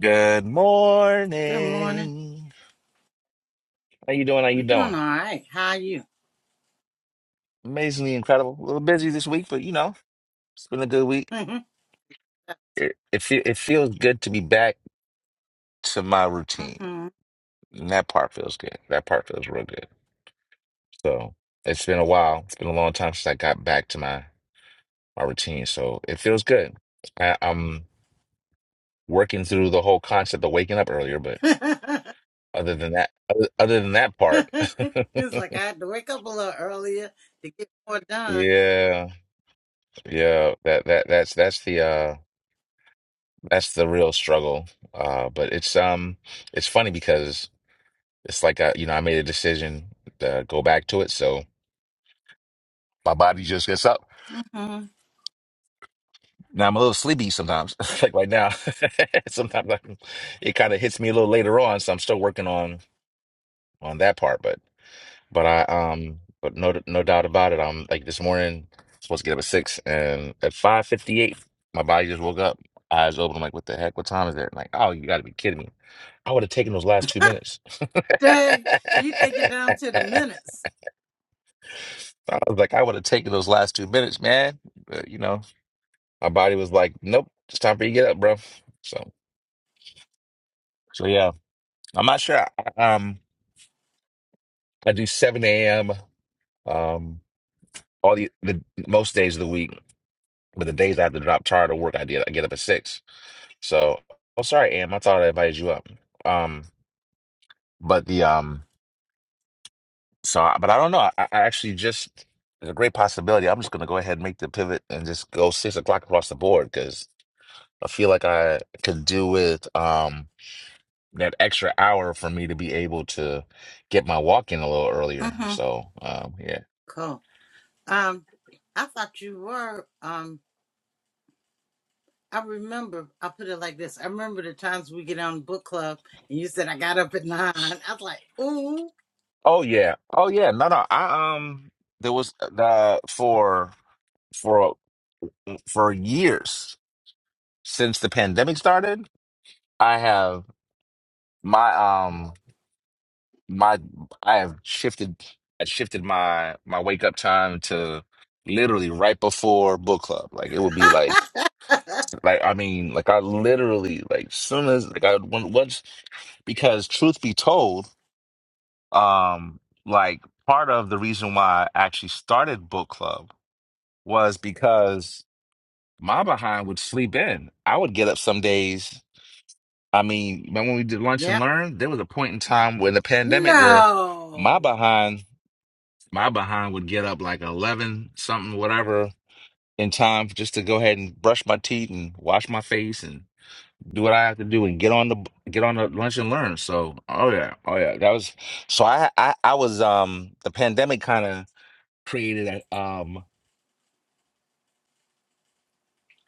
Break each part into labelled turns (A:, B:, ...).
A: Good
B: Good morning.
A: morning. How you doing? How you
B: I'm doing all
A: doing?
B: right. How are you?
A: Amazingly incredible. A little busy this week, but you know, it's been a good week. It it, feel, it feels good to be back to my routine,
B: hmm
A: and that part feels good. That part feels real good. So it's been a while. It's been a long time since I got back to my my routine. So it feels good. I, I'm working through the whole concept of waking up earlier, but
B: it's
A: other than that, other, other than that part,
B: like I had to wake up a little earlier to get more done.
A: yeah, yeah, that that that's that's the uh. That's the real struggle. Uh, but it's um it's funny because it's like I, you know, I made a decision to go back to it, so my body just gets up.
B: mm hmm
A: Now I'm a little sleepy sometimes, like right now. Sometimes I, it kind of hits me a little later on, so I'm still working on on that part. but. But I um but no no doubt about it. I'm like this morning supposed to get up at six and at five fifty eight my body just woke up, eyes open. I'm like, what the heck? What time is it? like, oh you gotta be kidding me. I would have taken those last two minutes.
B: Dang, you take it down to the minutes.
A: I was like, I would have taken those last two minutes, man. But you know, my body was like, Nope, it's time for you to get up, bro. So so yeah. I'm not sure. I, um I do seven AM um all the, the most days of the week But the days I had to drop tired of work, I did. I get up at six. So, oh, sorry, Am. I thought I invited you up. Um, but the um, so I- but I don't know. I, I actually just it's a great possibility. I'm just gonna go ahead and make the pivot and just go six o'clock across the board because I feel like I could do with um that extra hour for me to be able to get my walk in a little
B: mm
A: earlier.
B: hmm
A: So, um, yeah.
B: Cool. Um, I thought you were. Um, I remember. I put it like this. I remember the times we get on book club, and you said I got up at nine. I was like, ooh,
A: Oh yeah. Oh yeah. No, no. I um, there was uh, the for for for years. since the pandemic started, I have my um my I have shifted I shifted my my wake up time to literally right before book club. Like it would be like like I mean like I literally like soon as like I when- once because truth be told, um like part of the reason why I actually started book club was because my behind would sleep in. I would get up some days I mean, remember when we did lunch and
B: yeah,
A: learn, there was a point in time when the pandemic where my
B: no
A: behind, my behind would get up like eleven something, whatever, in time just to go ahead and brush my teeth and wash my face and do what I have to do and get on the get on the lunch and learn. So, oh yeah, oh yeah, that was so. I I I was um the pandemic kind of created a, um.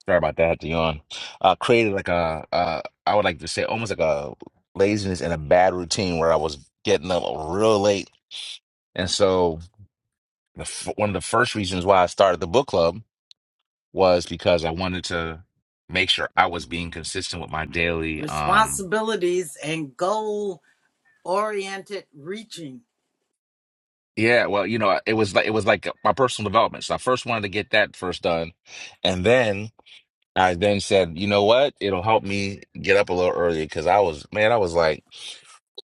A: Sorry about that, Dion. Uh, created like a, uh, I would like to say almost like a laziness and a bad routine where I was getting up real late. And so the, f- one of the first reasons why I started the book club was because I wanted to make sure I was being consistent with my daily, um,
B: responsibilities and goal Oriented reaching.
A: yeah, well, you know, it was like it was like my personal development. So I first wanted to get that first done, and then I then said, you know what? It'll help me get up a little earlier because I was, man, I was like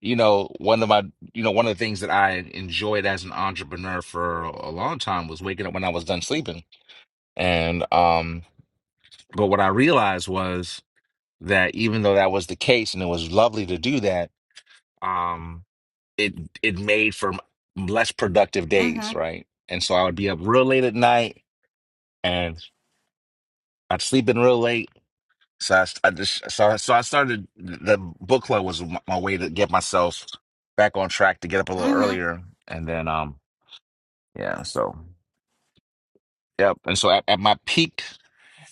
A: you know, one of my, you know, one of the things that I enjoyed as an entrepreneur for a long time was waking up when I was done sleeping. And, um, but what I realized was that even though that was the case and it was lovely to do that, um, it, it made for m- less productive
B: Mm-hmm.
A: days, right? And so I would be up real late at night and I'd sleep in real late. So I, I just, so, I- so I started the book club was my my way to get myself back on track to get up a little
B: Mm-hmm.
A: earlier. And then, um, Yeah. So, yep. And so at, at my peak,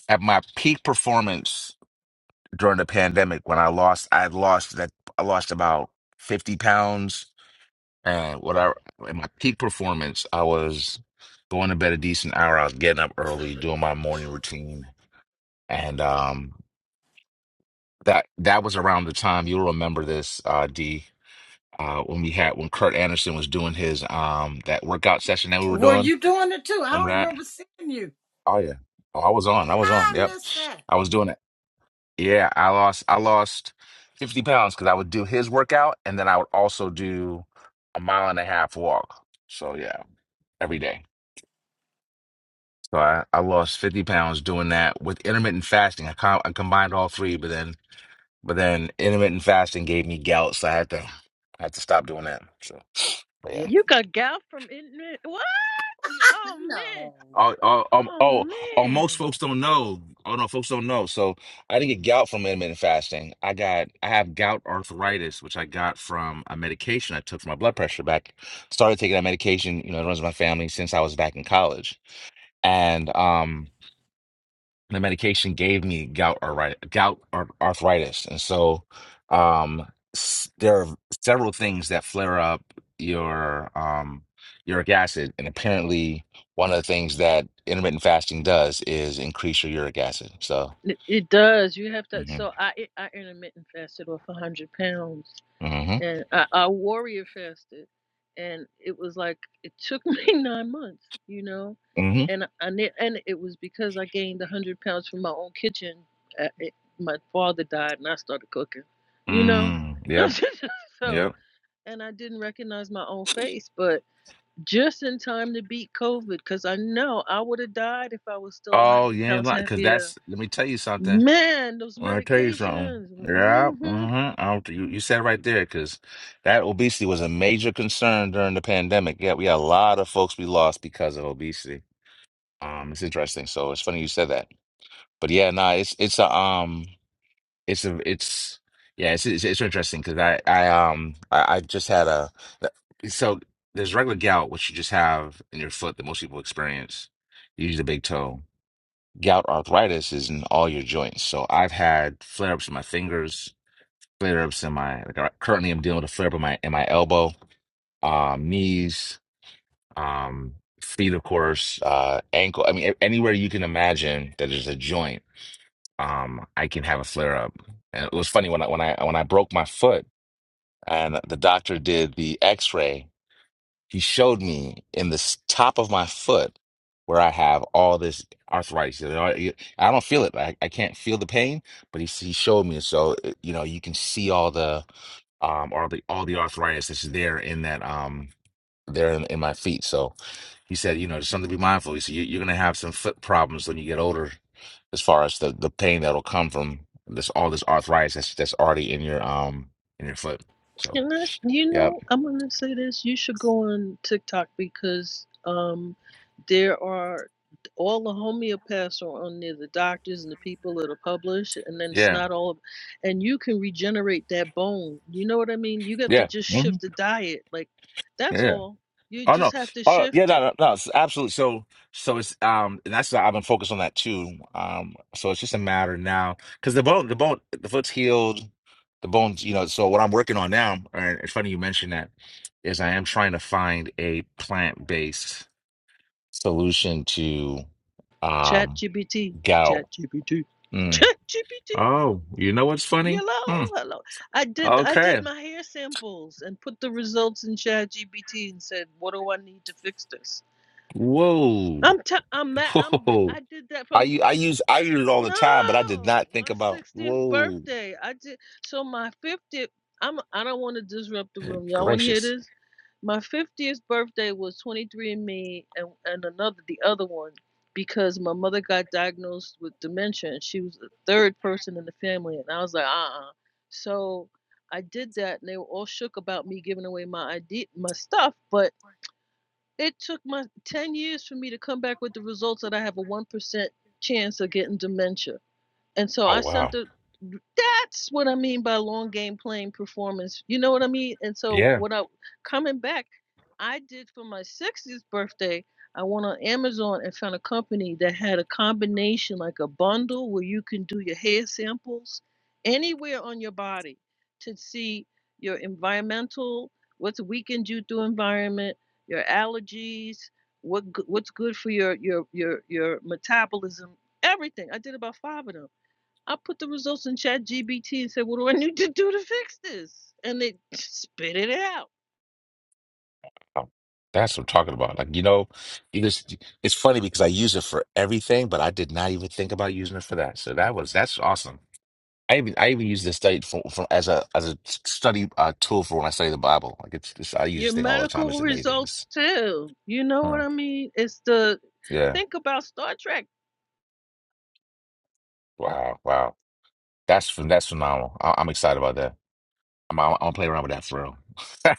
A: at my peak performance during the pandemic, when I lost, I lost that, I lost about 50 pounds. And what I, at my peak performance, I was going to bed a decent hour. I was getting up early, doing my morning routine. And, um, that, that was around the time you'll remember this, uh, D, uh, when we had, when Kurt Anderson was doing his, um, that workout session that we were
B: Were
A: doing.
B: you doing it too? I
A: Remember
B: don't
A: that?
B: remember seeing you.
A: Oh, yeah. Oh, I was on. I was
B: How
A: on.
B: I
A: Yep.
B: missed that.
A: I was doing that. Yeah, I lost I lost 50 pounds because I would do his workout and then I would also do a mile and a half walk. So yeah, every day. So I, I lost 50 pounds doing that with intermittent fasting. I, com I combined all three, but then but then intermittent fasting gave me gout, so I had to I had to stop doing that. So but yeah.
B: It
C: You got gal from India? What? You- Oh man.
B: no.
A: Oh, oh, um,
C: Oh
A: oh, oh, most
C: man.
A: folks don't know. Oh no, folks don't know. So I didn't get gout from intermittent fasting. I got, I have gout arthritis, which I got from a medication I took for my blood pressure back. Started taking that medication, you know, it runs in my family since I was back in college. And um, the medication gave me gout arthritis, gout ar- arthritis, and so um, s- there are several things that flare up your um, uric acid, and apparently one of the things that intermittent fasting does is increase your uric acid. So,
C: It, it does. You have to.
A: hmm
C: So I I intermittent fasted off hundred pounds,
A: hmm
C: and I, I warrior fasted, and it was like it took me nine months, you know,
A: hmm
C: and I ne- and it was because I gained hundred pounds from my own kitchen. Uh, it, my father died, and I started cooking, you know,
A: mm, yep,
C: so
A: yep.
C: and I didn't recognize my own face, but. just in time to beat COVID because I know I would have died if I was still
A: Oh,
C: 100
A: you ain't
C: pounds
A: lying, because
C: heavier.
A: that's. Let me tell you something.
C: Man, those
A: Well, I tell you something.
C: medications.
A: Yeah,
C: hmm
A: mm-hmm. I don't, you you said it right there because that obesity was a major concern during the pandemic. Yeah, we had a lot of folks we lost because of obesity. Um, it's interesting. So it's funny you said that. But yeah, nah, it's it's a um, it's a it's yeah, it's it's, it's interesting because I I um I, I just had a so there's regular gout which you just have in your foot that most people experience. You use the big toe. Gout arthritis is in all your joints. So I've had flare ups in my fingers flare ups in my like I currently I'm dealing with a flare up in my in my elbow, um, knees, um, feet, of course, uh, ankle. I mean, a- anywhere you can imagine that there's a joint, um, I can have a flare up. And it was funny when I when I when I broke my foot and the doctor did the X ray. He showed me in the s- top of my foot where I have all this arthritis. You know, I I don't feel it. I, I can't feel the pain, but he, s- he showed me. So, it- you know, you can see all the um all the all the arthritis that's there in that um there in, in my feet. So he said, you know, just something to be mindful. He said, you, you're gonna have some foot problems when you get older, as far as the the pain that'll come from this all this arthritis that's that's already in your um in your foot. So
C: And I, you
A: yeah,
C: know, I'm going to say this. You should go on TikTok because um, there are all the homeopaths are on there, the doctors and the people that are published, and then it's
A: yeah,
C: not all of And you can regenerate that bone. You know what I mean? You got to
A: yeah,
C: just
A: hmm
C: shift the diet. Like, that's
A: yeah.
C: all. You
A: Oh
C: just
A: no.
C: have to
A: Oh yeah,
C: shift it
A: no, no, no. It's absolutely. So, so it's um, and that's I've been focused on that too. Um, so it's just a matter now because the bone, the bone, the foot's healed, the bones, you know. So what I'm working on now, and it's funny you mentioned that, is I am trying to find a plant-based solution to um
C: ChatGPT,
A: gout.
C: ChatGPT,
A: Mm.
C: ChatGPT.
A: Oh, you know what's funny? Hmm.
C: Hello, hello. I did I did
A: Okay.
C: my hair samples and put the results in ChatGPT and said, "What do I need to fix this?"
A: Whoa.
C: I'm t- I'm ma- I'm g-
A: Whoa.
C: I did that for
A: I u- I use I use it all the time, but I did
C: no,
A: not think
C: my
A: about
C: 60th
A: whoa.
C: birthday. I did so my 50th. I'm I don't want to disrupt the room. Y'all want to hear
A: Gracious.
C: this? My 50th birthday was 23andMe and me, and and another the other one because my mother got diagnosed with dementia and she was the third person in the family and I was like, "Uh-uh." So I did that and they were all shook about me giving away my ID, my stuff, but it took my 10 years for me to come back with the results that I have a 1% chance of getting dementia. And so
A: Oh
C: I sent
A: wow.
C: the that's what I mean by long game playing performance. You know what I mean? And so
A: Yeah.
C: what I coming back, I did for my 60th birthday. I went on Amazon and found a company that had a combination like a bundle where you can do your hair samples anywhere on your body to see your environmental, what's weakened you through environment, your allergies, what go- what's good for your your your your metabolism, everything. I did about 5 of them I put the results in Chat GBT and said, What do I need to do to fix this? And it spit it out.
A: Oh, That's what I'm talking about. Like, you know, you just it's funny because I use it for everything, but I did not even think about using it for that. So that was that's awesome. I even I even use this study for, for as a as a study uh, tool for when I study the Bible. Like it's, it's I use this
C: Your
A: thing all the time.
C: medical
A: It's amazing. It's-
C: results too. You know
A: huh.
C: what I mean? It's the
A: Yeah.
C: think about Star Trek.
A: Wow. Wow. That's phen- that's phenomenal. I, I'm excited about that. I'm, I'm, I'm gonna play around with that for real.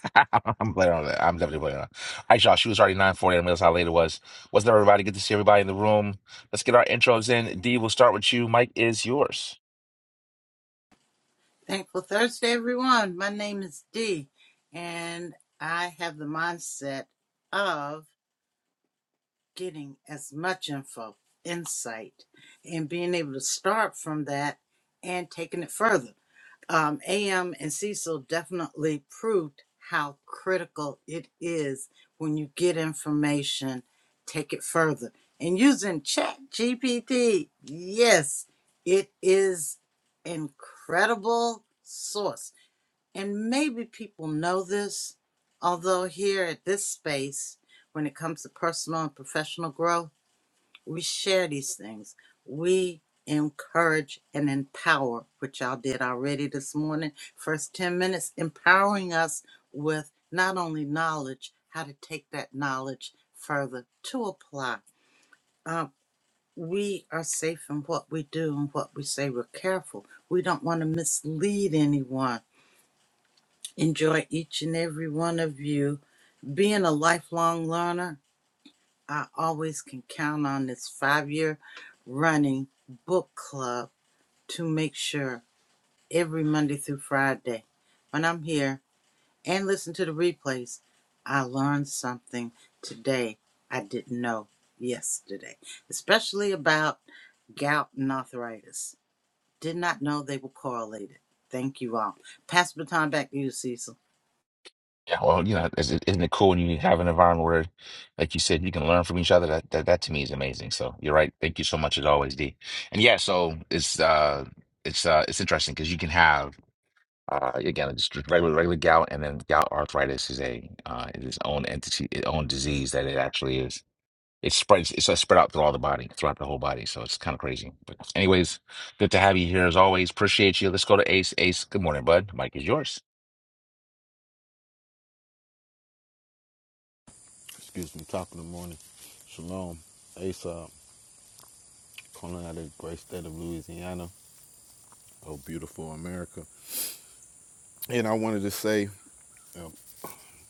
A: I'm playing around with that. I'm definitely playing around. All right, y'all. She was already 940. I realized how late it was. What's up, everybody? Good to see everybody in the room. Let's get our intros in. D, we'll start with you. Mike is yours.
B: Thankful Thursday, everyone. My name is Dee, and I have the mindset of getting as much info, insight, and being able to start from that and taking it further. um, AM and Cecil definitely proved how critical it is when you get information, take it further. And using Chat GPT, yes, it is incredible source. And maybe people know this, although here at this space, when it comes to personal and professional growth we share these things. We encourage and empower, which y'all did already this morning. First 10 minutes, empowering us with not only knowledge, how to take that knowledge further to apply. Uh, we are safe in what we do and what we say. We're careful. We don't want to mislead anyone. Enjoy each and every one of you. Being a lifelong learner, I always can count on this five year running book club to make sure every Monday through Friday when I'm here and listen to the replays, I learn something today I didn't know yesterday, especially about gout and arthritis. Did not know they were correlated. Thank you all. Pass the baton back to you, Cecil.
A: Yeah, well, you know, is it- isn't it cool when you have an environment where, like you said, you can learn from each other? That, that that to me is amazing. So you're right. Thank you so much as always, D. And yeah, so it's uh it's uh it's interesting because you can have Uh, again, just regular regular gout, and then gout arthritis is a uh, is its own entity, its own disease that it actually is. It spreads. It's uh, spread out through all the body, throughout the whole body. So it's kind of crazy. But anyways, good to have you here as always. Appreciate you. Let's go to Ace. Ace, good morning, bud. Mike is yours.
D: excuse me, top of the morning. Shalom, Aesop, calling out of the great state of Louisiana, oh beautiful America. And I wanted to say, um,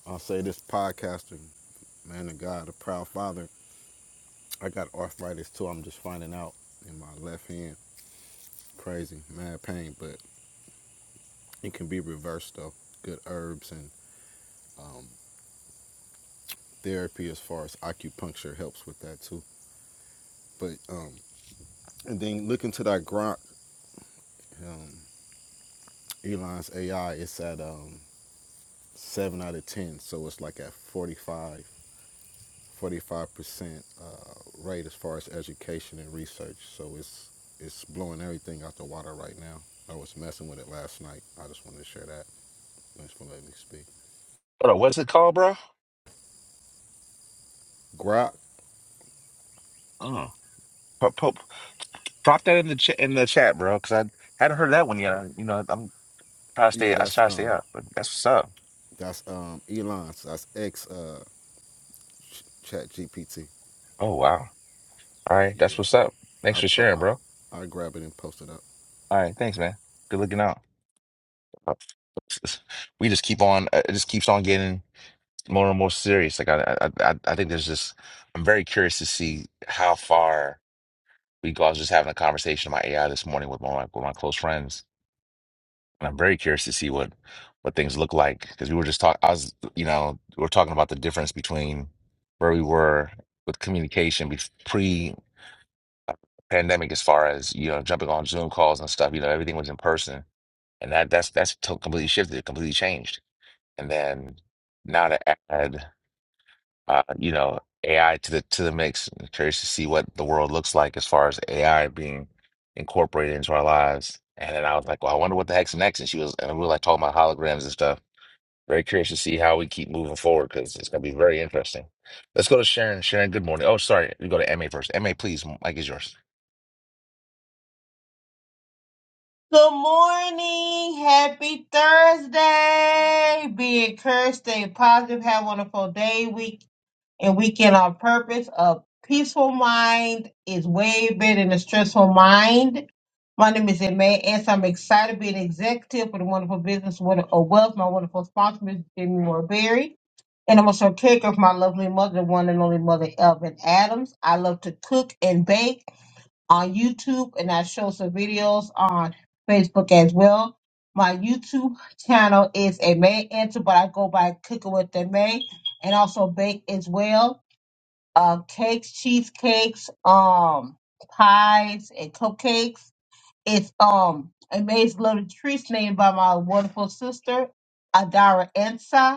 D: I'll say this podcaster, man of God, a proud father. I got arthritis too. I'm just finding out in my left hand. Crazy, mad pain, but it can be reversed though. Good herbs and um, therapy as far as acupuncture helps with that too. But um, and then look into that Grok, um, Elon's AI. It's at um, seven out of 10. So it's like at forty-five, forty-five percent uh, rate as far as education and research. So it's, it's blowing everything out the water right now. I was messing with it last night. I just wanted to share that. Thanks for letting me speak.
A: Hold on, what's it called, bro?
D: Grok,
A: Oh, pop, pop, drop that in the ch in the chat, bro, because I hadn't heard that one yet. I, you know, I'm trying to stay.
D: yeah,
A: I
D: that's
A: try to stay
D: um,
A: up, but that's what's up.
D: that's um, Elon's. That's X uh, Chat GPT.
A: Oh wow. All right,
D: Yeah,
A: that's what's up. Thanks
D: I,
A: for
D: po-
A: sharing,
D: I
A: bro.
D: I grab it and post it up.
A: All right, thanks, man. Good looking out. we just keep on uh, it just keeps on getting more and more serious like I, I i I think there's just i'm very curious to see how far we go i was just having a conversation about ai this morning with my with my close friends and i'm very curious to see what what things look like because we were just talking i was you know we are talking about the difference between where we were with communication pre-pandemic as far as you know jumping on zoom calls and stuff you know everything was in person and that that's that's to- completely shifted completely changed And then now to add, uh, you know, AI to the to the mix. I'm curious to see what the world looks like as far as AI being incorporated into our lives. And then I was like, well, I wonder what the heck's next. And she was, and we were like talking about holograms and stuff. Very curious to see how we keep moving forward because it's going to be very interesting. Let's go to Sharon. Sharon, good morning. Oh, sorry. We go to MA first. MA, please. Mike is yours.
E: Good morning. Happy Thursday. Be encouraged, stay positive, have a wonderful day, week, and weekend on purpose. A peaceful mind is way better than a stressful mind. My name is Emma, and so I'm excited to be an executive for the wonderful business Wonder- of wealth. My wonderful sponsor, Ms. Jimmy Moore And I'm also a caregiver for my lovely mother, the one and only mother, Elvin Adams. I love to cook and bake on YouTube and I show some videos on Facebook as well. My YouTube channel is a May Answer, but I go by Cooking with the May and also bake as well. Uh, cakes, cheesecakes, um, pies, and cupcakes. It's um Amazing Little Treats named by my wonderful sister, Adara Ensa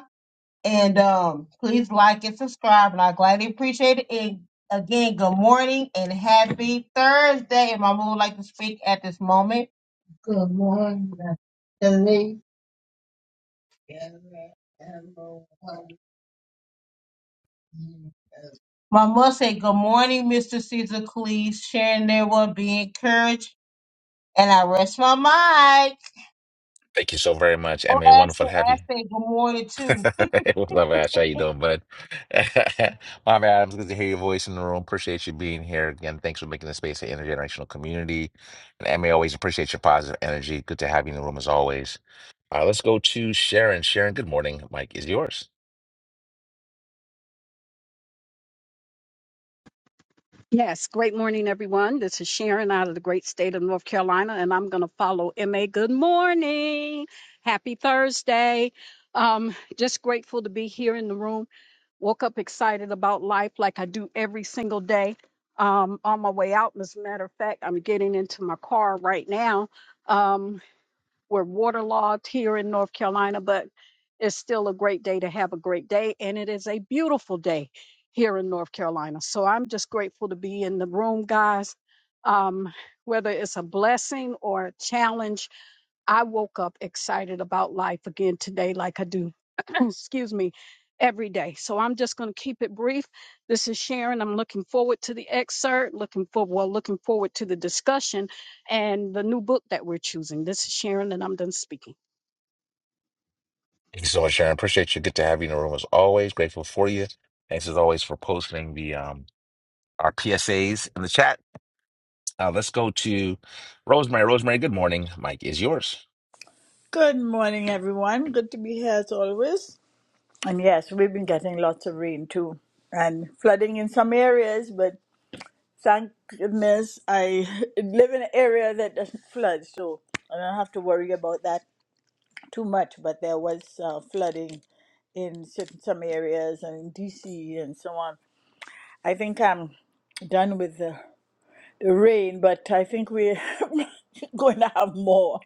E: and um, please like and subscribe, and I gladly appreciate it. And again, good morning and happy Thursday. And Mama would like to speak at this moment. Good morning, Denise. My mother said, Good morning, Mr. Caesar Cleese. Sharing their word, be encouraged. And I rest my mic.
A: Thank you so very much.
E: Oh,
A: MA, wonderful
E: Ashley,
A: to have you.
E: Ashley, good morning, too.
A: Hey, What's up, Ash? How you doing, bud? Mom Adams, good to hear your voice in the room. Appreciate you being here again. Thanks for making the space an intergenerational community. And Emmy, always appreciate your positive energy. Good to have you in the room as always. All right, let's go to Sharon. Sharon, good morning. Mike is yours.
F: Yes, great morning, everyone. This is Sharon out of the great state of North Carolina, and I'm going to follow MA. Good morning. Happy Thursday. Um, just grateful to be here in the room. Woke up excited about life like I do every single day. Um, on my way out, as a matter of fact, I'm getting into my car right now. Um, we're waterlogged here in North Carolina, but it's still a great day to have a great day. And it is a beautiful day here in North Carolina. So I'm just grateful to be in the room, guys. Um, whether it's a blessing or a challenge, I woke up excited about life again today, like I do, excuse me, every day. So I'm just going to keep it brief. This is Sharon. I'm looking forward to the excerpt, looking for well, looking forward to the discussion and the new book that we're choosing. This is Sharon, and I'm done speaking.
A: Thank you so much, Sharon. Appreciate you. Good to have you in the room as always. Grateful for you. Thanks as always for posting the um our PSAs in the chat. Uh, let's go to Rosemary. Rosemary, good morning. Mike is yours.
G: Good morning, everyone. Good to be here as always. And yes, we've been getting lots of rain too, and flooding in some areas. But thank goodness I live in an area that doesn't flood, so I don't have to worry about that too much. But there was uh, flooding in certain, some areas and in DC and so on. I think I'm done with the, the rain, but I think we're going to have more.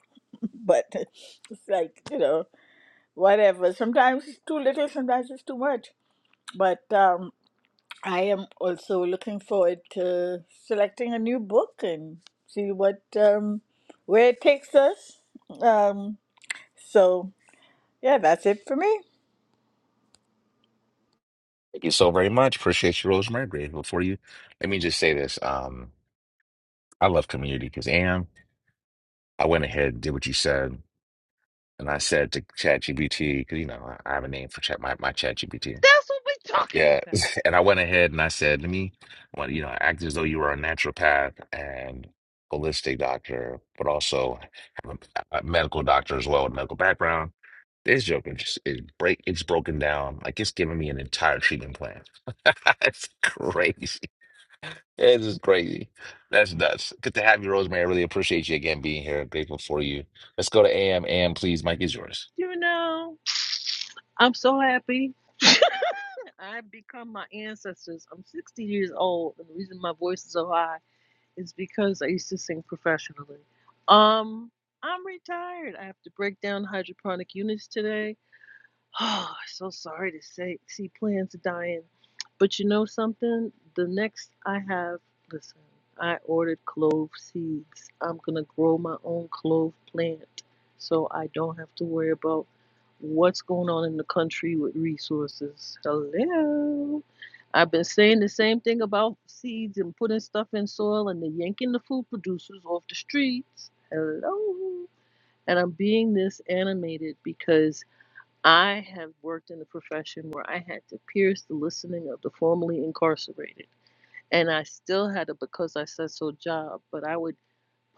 G: But it's like you know. whatever. Sometimes it's too little, sometimes it's too much. But um, I am also looking forward to selecting a new book and see what um, where it takes us. Um, so yeah, that's it for me.
A: Thank you so very much. Appreciate you, Rosemary. Grateful for you. Let me just say this. Um, I love community because Am, I went ahead and did what you said. And I said to ChatGPT, because you know, I I have a name for chat my, my ChatGPT.
C: That's what we're talking
A: Yeah.
C: about.
A: And I went ahead and I said, let me well, you know, act as though you were a naturopath and holistic doctor, but also have a, a medical doctor as well with a medical background. This joke is just is break it's broken down. Like it's giving me an entire treatment plan. That's crazy. It's just crazy. That's nuts. Good to have you, Rosemary. I really appreciate you again being here. grateful for you. Let's go to AM. AM, please. Mike is yours.
C: You know? I'm so happy. I've become my ancestors. I'm 60 years old, and the reason my voice is so high is because I used to sing professionally. Um, I'm retired. I have to break down hydroponic units today Oh, so sorry to say, see plants dying. But you know something? The next I have, listen, I ordered clove seeds. I'm going to grow my own clove plant so I don't have to worry about what's going on in the country with resources. Hello. I've been saying the same thing about seeds and putting stuff in soil and they're yanking the food producers off the streets. Hello. And I'm being this animated because I have worked in a profession where I had to pierce the listening of the formerly incarcerated. And I still had a because I said so job, but I would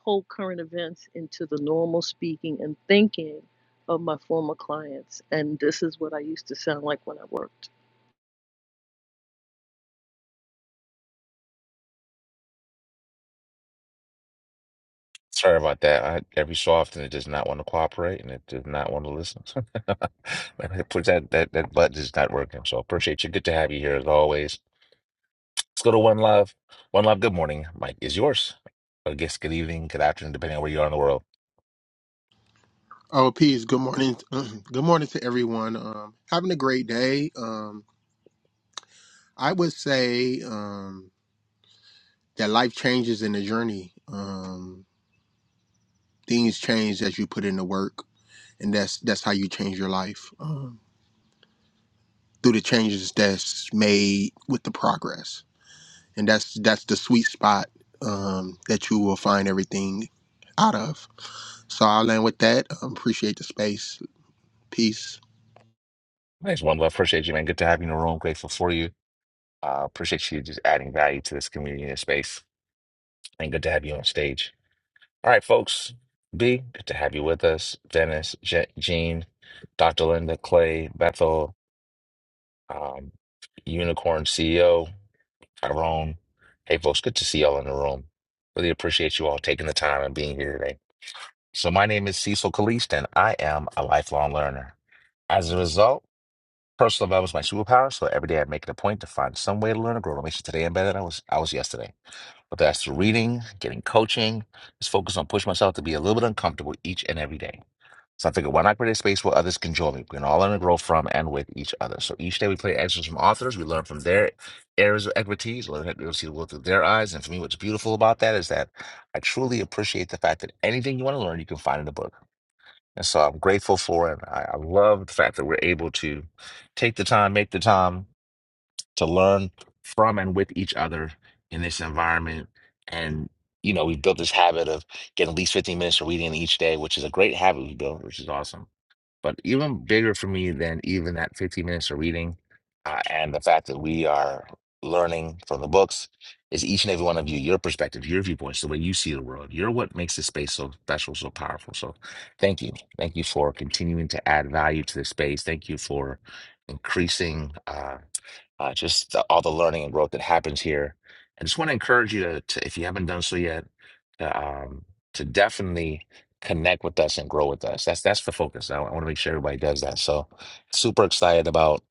C: pull current events into the normal speaking and thinking of my former clients. And this is what I used to sound like when I worked.
A: Sorry about that. I, every so often, it does not want to cooperate and it does not want to listen. And it puts that, that that button is not working. So appreciate you. Good to have you here as always. Let's go to One Love. One Love. Good morning. Mike is yours. I guess good evening, good afternoon, depending on where you are in the world.
H: Oh, peace. Good morning. Good morning to everyone. Um, having a great day. Um, I would say um, that life changes in the journey. Um, things change as you put in the work, and that's that's how you change your life um, through the changes that's made with the progress, and that's that's the sweet spot um, that you will find everything out of. So I'll land with that. Um, appreciate the space. Peace.
A: Thanks, One Love. Appreciate you, man. Good to have you in the room. Grateful for you. Uh, appreciate you just adding value to this community and space. And good to have you on stage. All right, folks. B, good to have you with us. Dennis, Je- Jean, Dr. Linda, Clay, Bethel, um, Unicorn CEO, Tyrone. Hey, folks, good to see y'all in the room. Really appreciate you all taking the time and being here today. So, my name is Cecil Kalist, and I am a lifelong learner. As a result, personal development is my superpower. So, every day I make it a point to find some way to learn and grow to make sure today I'm better than I was, I was yesterday. Whether that's through reading, getting coaching, just focus on pushing myself to be a little bit uncomfortable each and every day. So I figured, why not create a space where others can join me? We can all learn and grow from and with each other. So each day we play excerpts from authors. We learn from their areas of expertise. Learn how to see the world through their eyes. And for me, what's beautiful about that is that I truly appreciate the fact that anything you want to learn, you can find in a book. And so I'm grateful for it. I, I love the fact that we're able to take the time, make the time, to learn from and with each other in this environment. And, you know, we built this habit of getting at least 15 minutes of reading each day, which is a great habit we built, which is awesome. But even bigger for me than even that 15 minutes of reading uh, and the fact that we are learning from the books is each and every one of you, your perspective, your viewpoints, the way you see the world. You're what makes this space so special, so powerful. So thank you. Thank you for continuing to add value to this space. Thank you for increasing. Uh, uh, just the, all the learning and growth that happens here. I just want to encourage you to, to, if you haven't done so yet, to, um, to definitely connect with us and grow with us. That's that's the focus. I, I want to make sure everybody does that. So, super excited about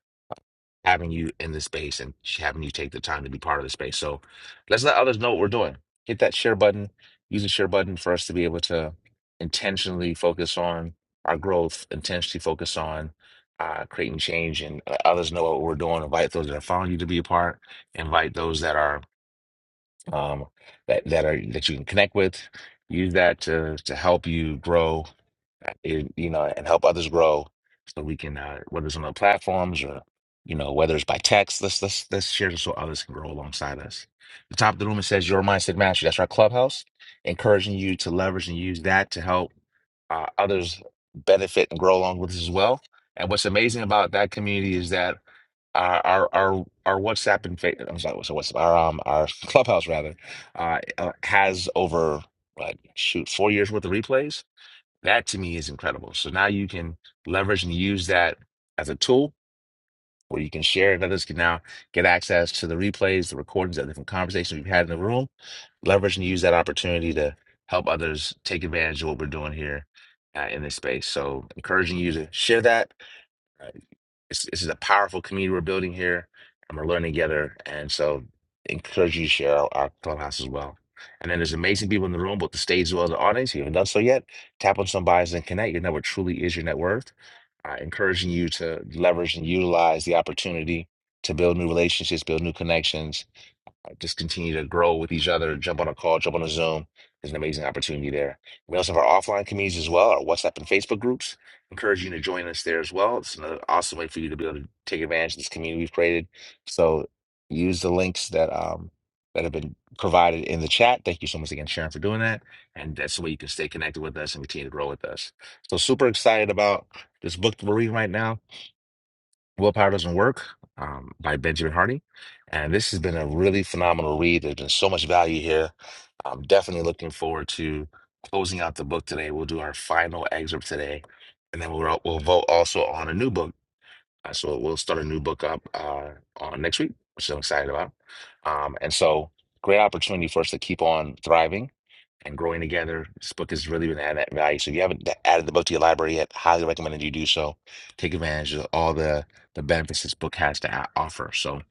A: having you in the space and sh- having you take the time to be part of the space. So let's let others know what we're doing. Hit that share button. Use the share button for us to be able to intentionally focus on our growth, intentionally focus on uh, creating change, and let others know what we're doing. Invite those that are following you to be a part. Invite those that are um, that that are that you can connect with. Use that to to help you grow it, you know, and help others grow so we can, uh, whether it's on the platforms or, you know, whether it's by text, let's, let's, let's share this so others can grow alongside us. The top of the room, it says your mindset mastery. That's our clubhouse, encouraging you to leverage and use that to help uh, others benefit and grow along with us as well. And what's amazing about that community is that our our our, our WhatsApp and fa- I'm sorry, so what's our um our clubhouse rather uh, uh has over uh, shoot four years worth of replays that to me is incredible. So now you can leverage and use that as a tool where you can share it. Others can now get access to the replays, the recordings of different conversations we've had in the room. Leverage and use that opportunity to help others take advantage of what we're doing here uh, in this space. So encouraging you to share that Right. This, this is a powerful community we're building here, and we're learning together. And so, encourage you to share our, our clubhouse as well. And then there's amazing people in the room, both the stage as well as the audience. If you haven't done so yet, tap on somebody's and connect. Your network truly is your net worth. Uh, encouraging you to leverage and utilize the opportunity to build new relationships, build new connections, just continue to grow with each other, jump on a call, jump on a Zoom. There's an amazing opportunity there. We also have our offline communities as well, our WhatsApp and Facebook groups. Encourage you to join us there as well. It's another awesome way for you to be able to take advantage of this community we've created. So use the links that um that have been provided in the chat. Thank you so much again, Sharon, for doing that. And that's the way you can stay connected with us and continue to grow with us. So super excited about this book that we're reading right now Willpower Doesn't Work um, by Benjamin Hardy. And this has been a really phenomenal read. There's been so much value here. I'm definitely looking forward to closing out the book today. We'll do our final excerpt today, and then we'll, we'll vote also on a new book. Uh, So we'll start a new book up uh, on next week, which I'm excited about. Um, and so, great opportunity for us to keep on thriving and growing together. This book is really going to add that value. So if you haven't d- added the book to your library yet, highly recommend that you do so. Take advantage of all the the benefits this book has to a- offer. So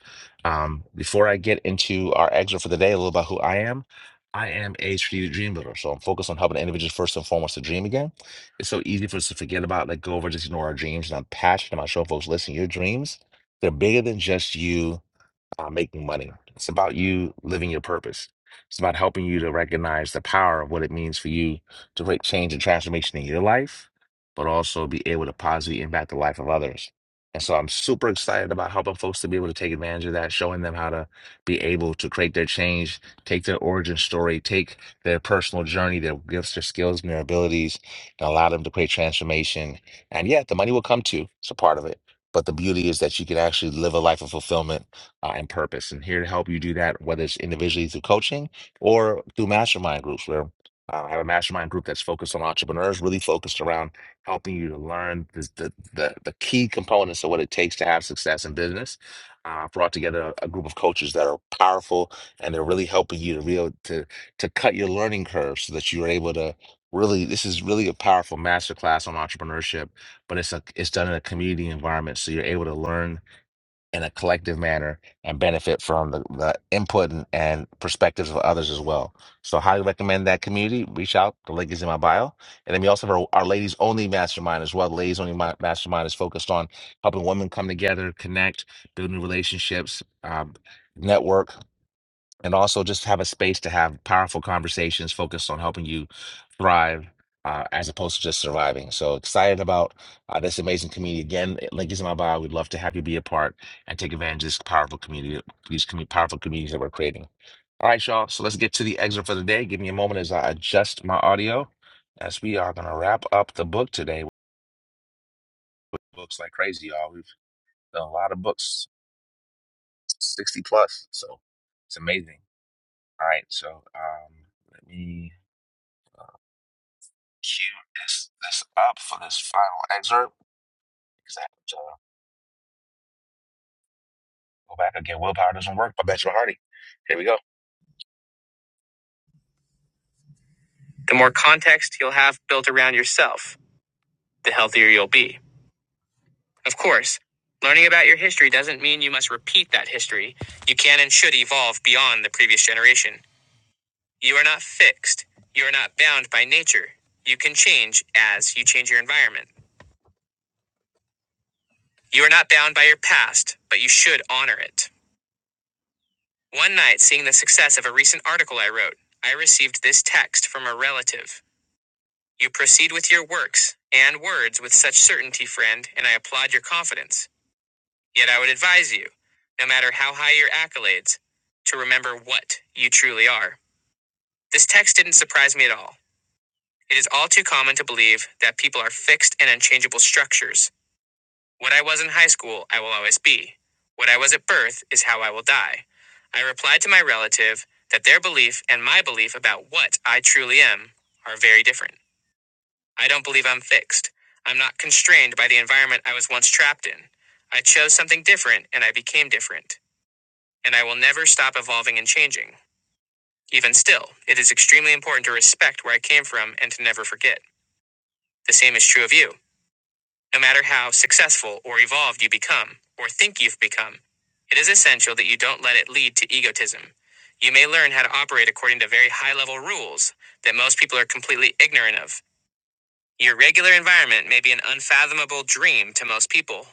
A: um, before I get into our excerpt for the day, a little about who I am. I am a strategic dream builder, so I'm focused on helping individuals first and foremost to dream again. It's so easy for us to forget about, let go of, or just ignore our dreams. And I'm passionate about showing folks, listen, your dreams, they're bigger than just you uh, making money. It's about you living your purpose. It's about helping you to recognize the power of what it means for you to create change and transformation in your life, but also be able to positively impact the life of others. And so I'm super excited about helping folks to be able to take advantage of that, showing them how to be able to create their change, take their origin story, take their personal journey, their gifts, their skills, and their abilities, and allow them to create transformation. And yeah, the money will come too. It's a part of it. But the beauty is that you can actually live a life of fulfillment uh, and purpose. And here to help you do that, whether it's individually through coaching or through mastermind groups, where uh, I have a mastermind group that's focused on entrepreneurs, really focused around helping you to learn the, the, the, the key components of what it takes to have success in business. Uh, I've brought together a a group of coaches that are powerful and they're really helping you to real to to cut your learning curve so that you're able to really this is really a powerful masterclass on entrepreneurship but it's a it's done in a community environment so you're able to learn in a collective manner and benefit from the, the input and, and perspectives of others as well. So highly recommend that community. Reach out. The link is in my bio. And then we also have our, our ladies only mastermind as well. The Ladies only Ma- mastermind is focused on helping women come together, connect, building relationships, um, network, and also just have a space to have powerful conversations focused on helping you thrive uh, as opposed to just surviving. So excited about uh, this amazing community. Again, link is in my bio. We'd love to have you be a part and take advantage of this powerful community, these commu- powerful communities that we're creating. All right, y'all. So let's get to the exit for the day. Give me a moment as I adjust my audio as we are going to wrap up the book today. Books like crazy, y'all. We've done a lot of books, 60 plus. So it's amazing. All right. So um, let me cue this this up for this final excerpt because I have to go back again. Willpower doesn't work by Benjamin Hardy. Here we go. The more context you'll have built around yourself, the healthier you'll be. Of course, learning about your history doesn't mean you must repeat that history. You can and should evolve beyond the previous generation. You are not fixed. You are not bound by nature. You can change as you change your environment. You are not bound by your past, but you should honor it. One night, seeing the success of a recent article I wrote, I received this text from a relative. You proceed with your works and words with such certainty, friend, and I applaud your confidence. Yet I would advise you, no matter how high your accolades, to remember what you truly are. This text didn't surprise me at all. It is all too common to believe that people are fixed and unchangeable structures What I was in high school, I will always be. What I was at birth is how I will die. I replied to my relative that their belief and my belief about what I truly am are very different. I don't believe I'm fixed. I'm not constrained by the environment I was once trapped in. I chose something different and I became different. And I will never stop evolving and changing. Even still, it is extremely important to respect where I came from and to never forget. The same is true of you. No matter how successful or evolved you become, or think you've become, it is essential that you don't let it lead to egotism. You may learn how to operate according to very high level rules that most people are completely ignorant of. Your regular environment may be an unfathomable dream to most people,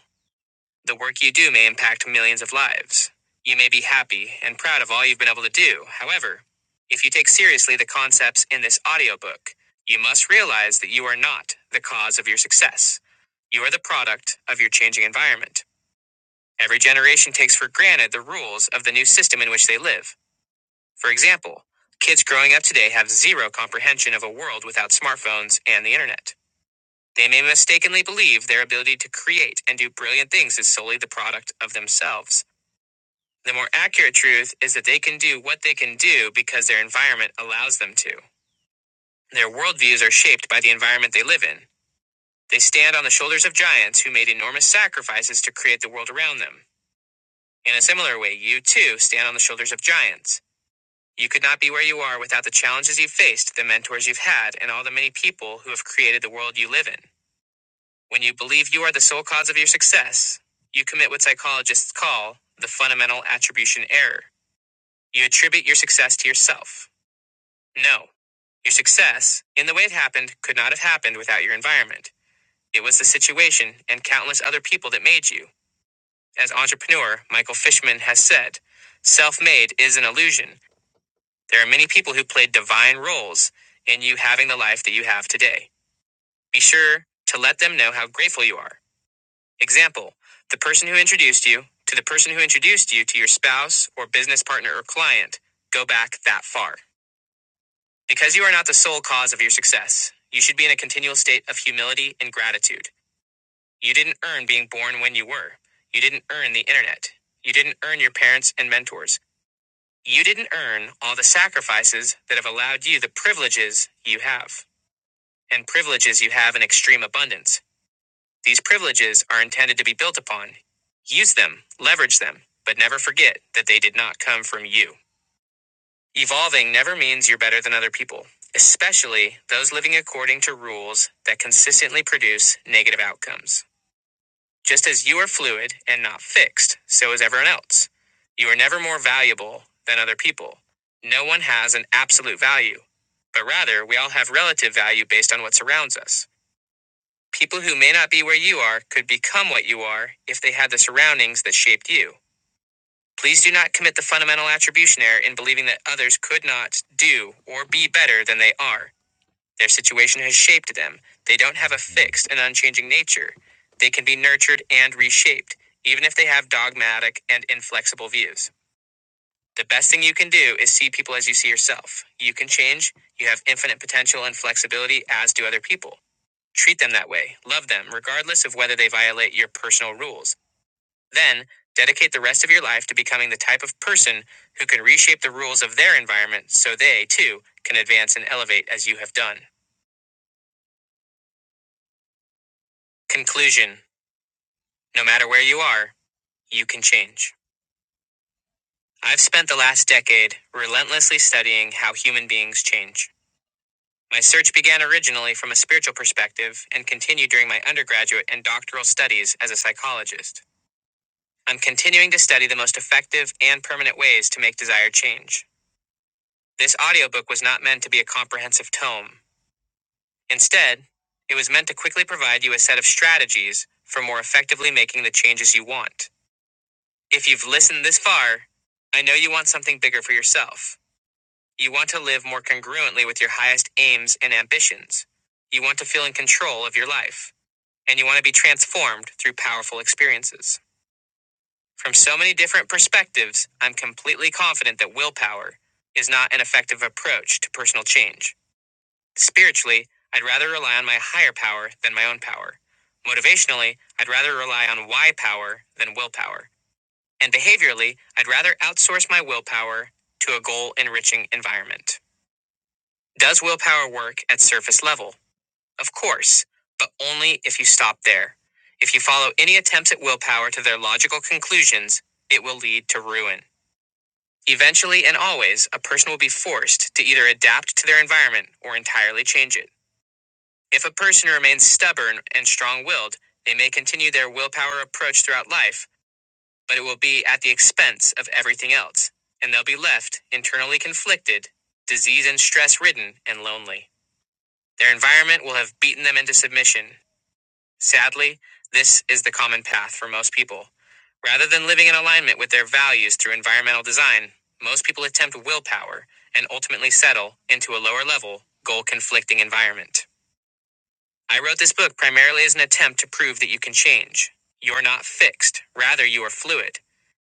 A: the work you do may impact millions of lives. You may be happy and proud of all you've been able to do. However, if you take seriously the concepts in this audiobook, you must realize that you are not the cause of your success. You are the product of your changing environment. Every generation takes for granted the rules of the new system in which they live. For example, kids growing up today have zero comprehension of a world without smartphones and the internet. They may mistakenly believe their ability to create and do brilliant things is solely the product of themselves. The more accurate truth is that they can do what they can do because their environment allows them to. Their worldviews are shaped by the environment they live in. They stand on the shoulders of giants who made enormous sacrifices to create the world around them. In a similar way, you too stand on the shoulders of giants. You could not be where you are without the challenges you've faced, the mentors you've had, and all the many people who have created the world you live in. When you believe you are the sole cause of your success, you commit what psychologists call the fundamental attribution error. You attribute your success to yourself. No. Your success, in the way it happened, could not have happened without your environment. It was the situation and countless other people that made you. As entrepreneur Michael Fishman has said, self made is an illusion. There are many people who played divine roles in you having the life that you have today. Be sure to let them know how grateful you are. Example the person who introduced you to the person who introduced you to your spouse or business partner or client. Go back that far. Because you are not the sole cause of your success, you should be in a continual state of humility and gratitude. You didn't earn being born when you were. You didn't earn the internet. You didn't earn your parents and mentors. You didn't earn all the sacrifices that have allowed you the privileges you have, and privileges you have in extreme abundance. These privileges are intended to be built upon. Use them, leverage them, but never forget that they did not come from you. Evolving never means you're better than other people, especially those living according to rules that consistently produce negative outcomes. Just as you are fluid and not fixed, so is everyone else. You are never more valuable than other people. No one has an absolute value, but rather we all have relative value based on what surrounds us. People who may not be where you are could become what you are if they had the surroundings that shaped you. Please do not commit the fundamental attribution error in believing that others could not do or be better than they are. Their situation has shaped them. They don't have a fixed and unchanging nature. They can be nurtured and reshaped, even if they have dogmatic and inflexible views. The best thing you can do is see people as you see yourself. You can change. You have infinite potential and flexibility, as do other people. Treat them that way. Love them, regardless of whether they violate your personal rules. Then, dedicate the rest of your life to becoming the type of person who can reshape the rules of their environment so they, too, can advance and elevate as you have done. Conclusion No matter where you are, you can change. I've spent the last decade relentlessly studying how human beings change. My search began originally from a spiritual perspective and continued during my undergraduate and doctoral studies as a psychologist. I'm continuing to study the most effective and permanent ways to make desired change. This audiobook was not meant to be a comprehensive tome. Instead, it was meant to quickly provide you a set of strategies for more effectively making the changes you want. If you've listened this far, I know you want something bigger for yourself. You want to live more congruently with your highest aims and ambitions. You want to feel in control of your life, and you want to be transformed through powerful experiences. From so many different perspectives, I'm completely confident that willpower is not an effective approach to personal change. Spiritually, I'd rather rely on my higher power than my own power. Motivationally, I'd rather rely on why power than willpower. And behaviorally, I'd rather outsource my willpower to a goal enriching environment. Does willpower work at surface level? Of course, but only if you stop there. If you follow any attempts at willpower to their logical conclusions, it will lead to ruin. Eventually and always, a person will be forced to either adapt to their environment or entirely change it. If a person remains stubborn and strong willed, they may continue their willpower approach throughout life, but it will be at the expense of everything else, and they'll be left internally conflicted, disease and stress ridden, and lonely. Their environment will have beaten them into submission. Sadly, this is the common path for most people. Rather than living in alignment with their values through environmental design, most people attempt willpower and ultimately settle into a lower level, goal conflicting environment. I wrote this book primarily as an attempt to prove that you can change. You're not fixed, rather, you are fluid.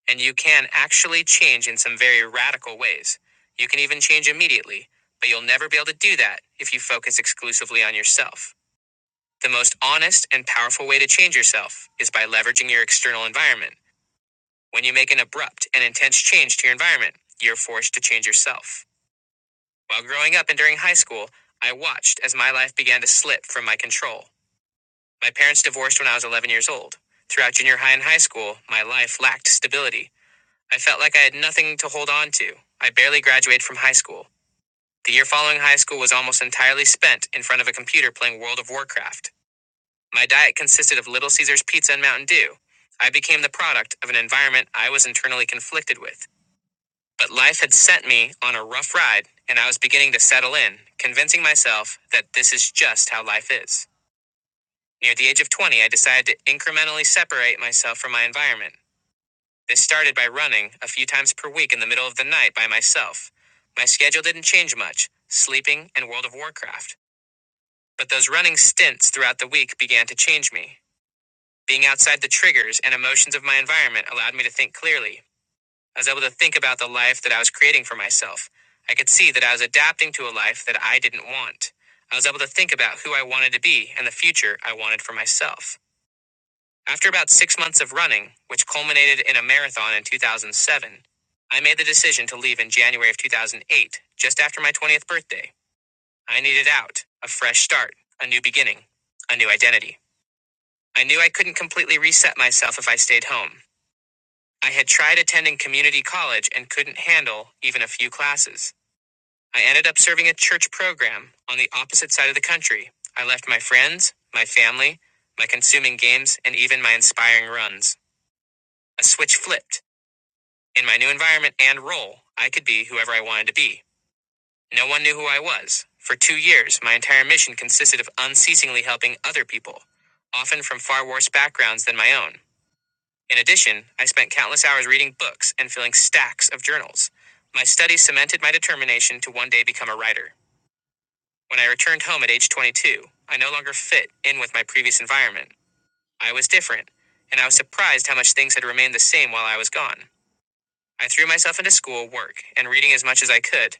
A: And you can actually change in some very radical ways. You can even change immediately, but you'll never be able to do that if you focus exclusively on yourself. The most honest and powerful way to change yourself is by leveraging your external environment. When you make an abrupt and intense change to your environment, you're forced to change yourself. While growing up and during high school, I watched as my life began to slip from my control. My parents divorced when I was 11 years old. Throughout junior high and high school, my life lacked stability. I felt like I had nothing to hold on to. I barely graduated from high school. The year following high school was almost entirely spent in front of a computer playing World of Warcraft. My diet consisted of Little Caesars pizza and Mountain Dew. I became the product of an environment I was internally conflicted with. But life had sent me on a rough ride, and I was beginning to settle in, convincing myself that this is just how life is. Near the age of 20, I decided to incrementally separate myself from my environment. This started by running a few times per week in the middle of the night by myself. My schedule didn't change much sleeping and World of Warcraft. But those running stints throughout the week began to change me. Being outside the triggers and emotions of my environment allowed me to think clearly. I was able to think about the life that I was creating for myself. I could see that I was adapting to a life that I didn't want. I was able to think about who I wanted to be and the future I wanted for myself. After about six months of running, which culminated in a marathon in 2007, I made the decision to leave in January of 2008, just after my 20th birthday. I needed out, a fresh start, a new beginning, a new identity. I knew I couldn't completely reset myself if I stayed home. I had tried attending community college and couldn't handle even a few classes. I ended up serving a church program on the opposite side of the country. I left my friends, my family, my consuming games, and even my inspiring runs. A switch flipped. In my new environment and role, I could be whoever I wanted to be. No one knew who I was. For two years, my entire mission consisted of unceasingly helping other people, often from far worse backgrounds than my own. In addition, I spent countless hours reading books and filling stacks of journals. My studies cemented my determination to one day become a writer. When I returned home at age 22, I no longer fit in with my previous environment. I was different, and I was surprised how much things had remained the same while I was gone. I threw myself into school, work, and reading as much as I could.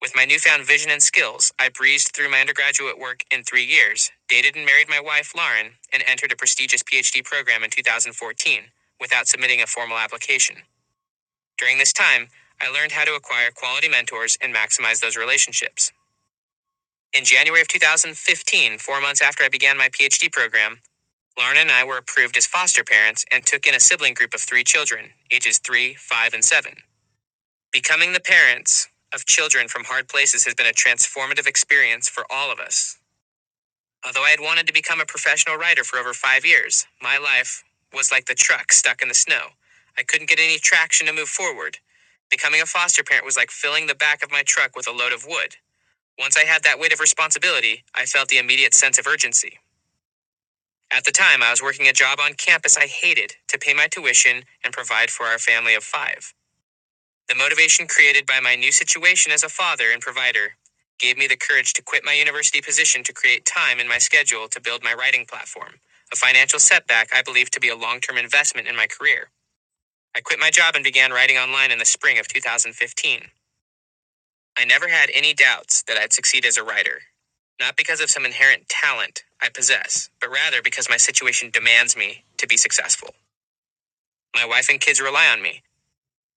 A: With my newfound vision and skills, I breezed through my undergraduate work in three years, dated and married my wife, Lauren, and entered a prestigious PhD program in 2014 without submitting a formal application. During this time, I learned how to acquire quality mentors and maximize those relationships. In January of 2015, four months after I began my PhD program, Lauren and I were approved as foster parents and took in a sibling group of three children, ages 3, 5, and 7. Becoming the parents of children from hard places has been a transformative experience for all of us. Although I had wanted to become a professional writer for over five years, my life was like the truck stuck in the snow. I couldn't get any traction to move forward. Becoming a foster parent was like filling the back of my truck with a load of wood. Once I had that weight of responsibility, I felt the immediate sense of urgency. At the time, I was working a job on campus I hated to pay my tuition and provide for our family of five. The motivation created by my new situation as a father and provider gave me the courage to quit my university position to create time in my schedule to build my writing platform, a financial setback I believe to be a long term investment in my career. I quit my job and began writing online in the spring of 2015. I never had any doubts that I'd succeed as a writer. Not because of some inherent talent I possess, but rather because my situation demands me to be successful. My wife and kids rely on me.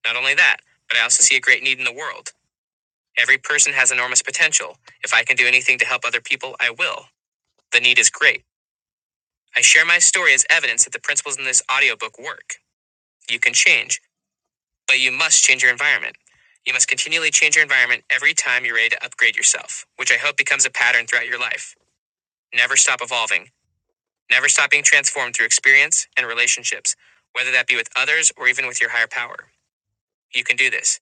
A: Not only that, but I also see a great need in the world. Every person has enormous potential. If I can do anything to help other people, I will. The need is great. I share my story as evidence that the principles in this audiobook work. You can change, but you must change your environment. You must continually change your environment every time you're ready to upgrade yourself, which I hope becomes a pattern throughout your life. Never stop evolving. Never stop being transformed through experience and relationships, whether that be with others or even with your higher power. You can do this.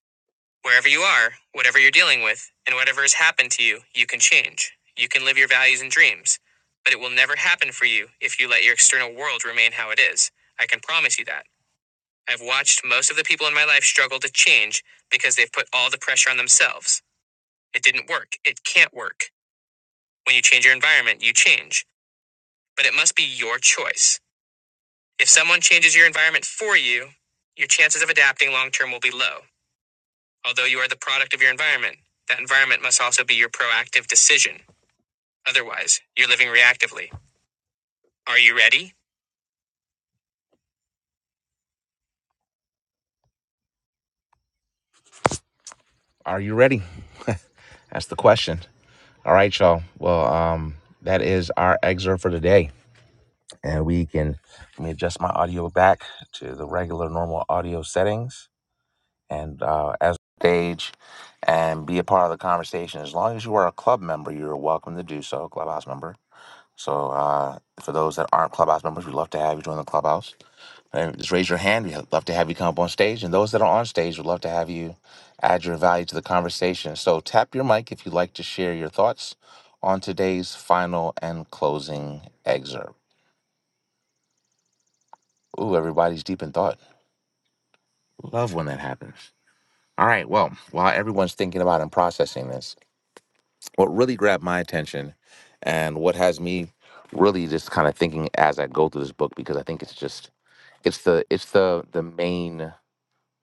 A: Wherever you are, whatever you're dealing with, and whatever has happened to you, you can change. You can live your values and dreams. But it will never happen for you if you let your external world remain how it is. I can promise you that. I've watched most of the people in my life struggle to change because they've put all the pressure on themselves. It didn't work. It can't work. When you change your environment, you change. But it must be your choice. If someone changes your environment for you, your chances of adapting long term will be low. Although you are the product of your environment, that environment must also be your proactive decision. Otherwise, you're living reactively. Are you ready? Are you ready? That's the question. All right, y'all. Well, um, that is our excerpt for today. And we can let me adjust my audio back to the regular normal audio settings and uh, as stage and be a part of the conversation. As long as you are a club member, you're welcome to do so, clubhouse member. So uh, for those that aren't Clubhouse members, we'd love to have you join the Clubhouse. And just raise your hand. We'd love to have you come up on stage. And those that are on stage, we'd love to have you add your value to the conversation. So tap your mic if you'd like to share your thoughts on today's final and closing excerpt. Ooh, everybody's deep in thought. Love when that happens. All right. Well, while everyone's thinking about and processing this, what really grabbed my attention and what has me really just kind of thinking as I go through this book, because I think it's just it's the it's the the main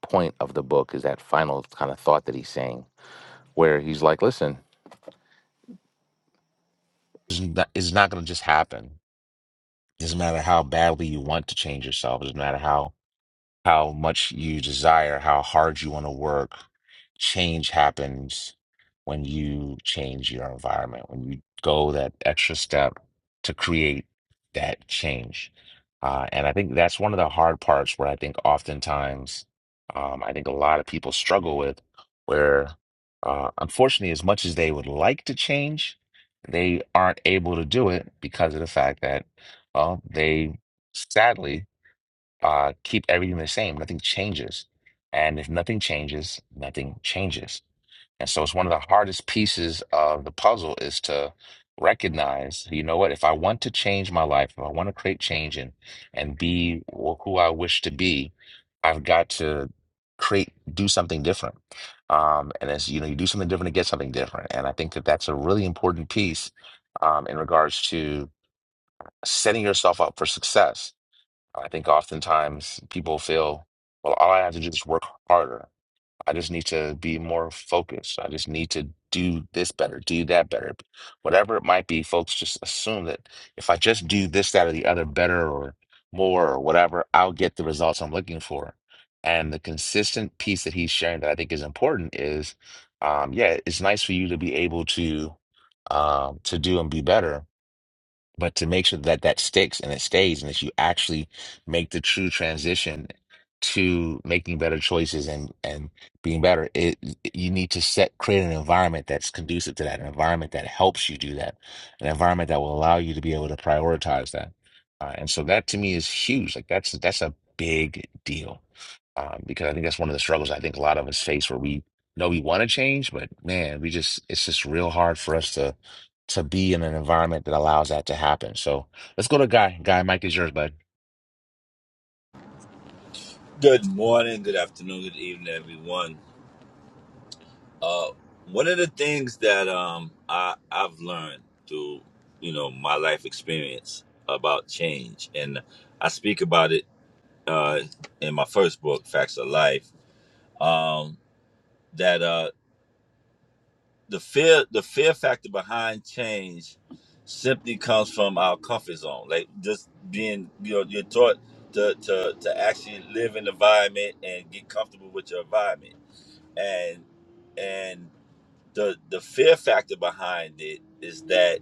A: point of the book is that final kind of thought that he's saying where he's like listen It's not, it's not going to just happen. It doesn't matter how badly you want to change yourself. It doesn't matter how how much you desire, how hard you want to work. Change happens when you change your environment, when you go that extra step to create that change. Uh, and I think that's one of the hard parts where I think oftentimes, um, I think a lot of people struggle with, where uh, unfortunately, as much as they would like to change, they aren't able to do it because of the fact that, well, they sadly, uh, keep everything the same. Nothing changes. And if nothing changes, nothing changes. And so it's one of the hardest pieces of the puzzle is to recognize, you know what, if I want to change my life, if I want to create change and and be wh- who I wish to be, I've got to create do something different. Um, and as you know, you do something different to get something different. And I think that that's a really important piece um, in regards to setting yourself up for success I think oftentimes people feel, well, all I have to do is work harder. I just need to be more focused. I just need to do this better, do that better. Whatever it might be, folks just assume that if I just do this, that, or the other better or more or whatever, I'll get the results I'm looking for. And the consistent piece that he's sharing that I think is important is, um, yeah, it's nice for you to be able to um, to do and be better but to make sure that that sticks and it stays, and that you actually make the true transition to making better choices and and being better, it you need to set create an environment that's conducive to that, an environment that helps you do that, an environment that will allow you to be able to prioritize that. Uh, and so that to me is huge. Like that's that's a big deal um, because I think that's one of the struggles I think a lot of us face where we know we want to change, but man, we just it's just real hard for us to to be in an environment that allows that to happen. So let's go to Guy. Guy, Mike is yours, bud.
I: Good morning, good afternoon, good evening, everyone. Uh, one of the things that um, I, I've learned through you know my life experience about change, and I speak about it uh, in my first book, Facts of Life, um, that uh, the fear the fear factor behind change simply comes from our comfort zone, like just being you know you're taught to to, to actually live in the environment and get comfortable with your environment and and the the fear factor behind it is that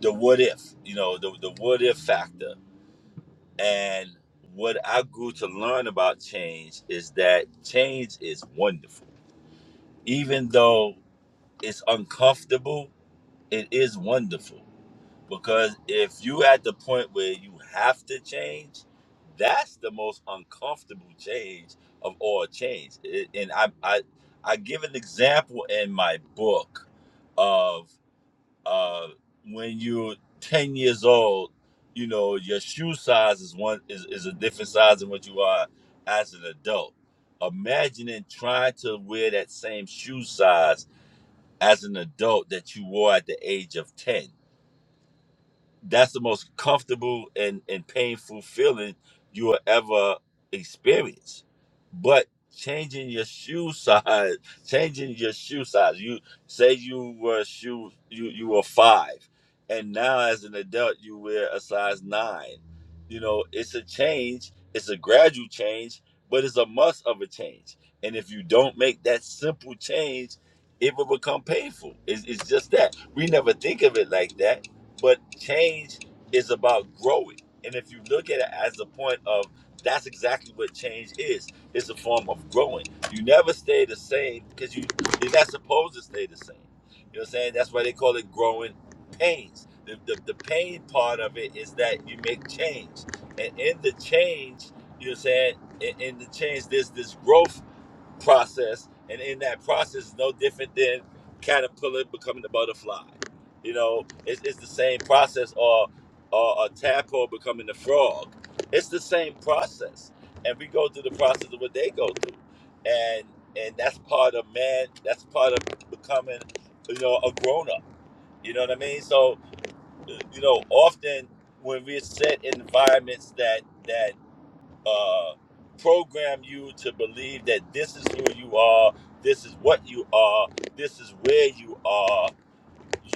I: the what if you know the, the what if factor and what i grew to learn about change is that change is wonderful even though it's uncomfortable it is wonderful Because if you at the point where you have to change, that's the most uncomfortable change of all change. It, and I, I I give an example in my book of uh, when you're 10 years old, you know, your shoe size is one is, is a different size than what you are as an adult. Imagining trying to wear that same shoe size as an adult that you wore at the age of 10 that's the most comfortable and, and painful feeling you will ever experience. But changing your shoe size, changing your shoe size. You say you were shoe you you were five, and now as an adult you wear a size nine. You know it's a change. It's a gradual change, but it's a must of a change. And if you don't make that simple change, it will become painful. It's, it's just that we never think of it like that but change is about growing. And if you look at it as the point of that's exactly what change is. It's a form of growing. You never stay the same because you you're not supposed to stay the same. You know what I'm saying? That's why they call it growing pains. The, the, the pain part of it is that you make change. And in the change, you know what I'm saying? In, in the change, there's this growth process, and in that process, is no different than caterpillar becoming a butterfly. You know, it's, it's the same process, or or a tadpole becoming a frog. It's the same process, and we go through the process of what they go through, and and that's part of man. That's part of becoming, you know, a grown up. You know what I mean? So, you know, often when we're set in environments that that uh, program you to believe that this is who you are, this is what you are, this is where you are,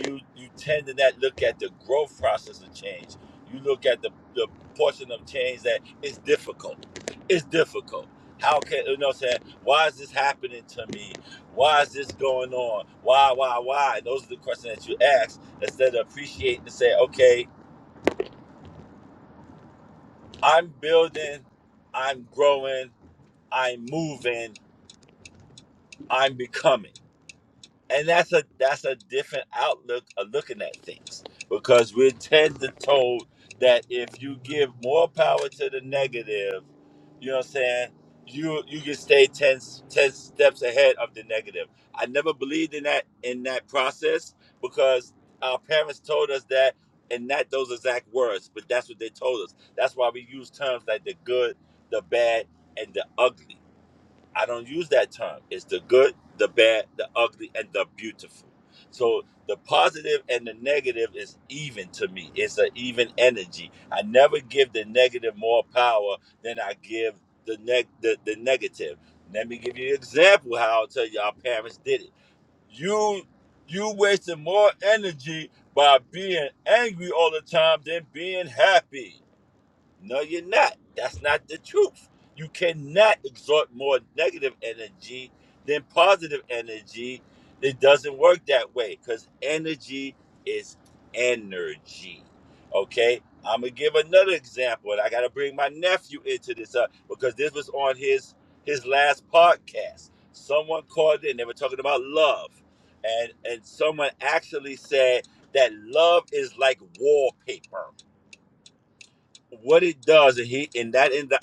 I: you you tend to not look at the growth process of change. You look at the, the portion of change that is difficult. It's difficult. How can you know what I'm saying? Why is this happening to me? Why is this going on? Why, why, why? Those are the questions that you ask instead of appreciating to say, okay, I'm building, I'm growing, I'm moving, I'm becoming. And that's a that's a different outlook of looking at things because we're tend to told that if you give more power to the negative, you know what I'm saying, you you can stay 10 10 steps ahead of the negative. I never believed in that in that process because our parents told us that and not those exact words, but that's what they told us. That's why we use terms like the good, the bad, and the ugly. I don't use that term. It's the good, the bad, the ugly, and the beautiful. So the positive and the negative is even to me. It's an even energy. I never give the negative more power than I give the neg the, the negative. Let me give you an example how I'll tell you our parents did it. You you wasted more energy by being angry all the time than being happy no, you're not. That's not the truth. You cannot exhort more negative energy than positive energy. It doesn't work that way because energy is energy. Okay? I'm gonna give another example, and I gotta bring my nephew into this up because this was on his his last podcast. Someone called in, they were talking about love. And and someone actually said that love is like wallpaper what it does and he and that in the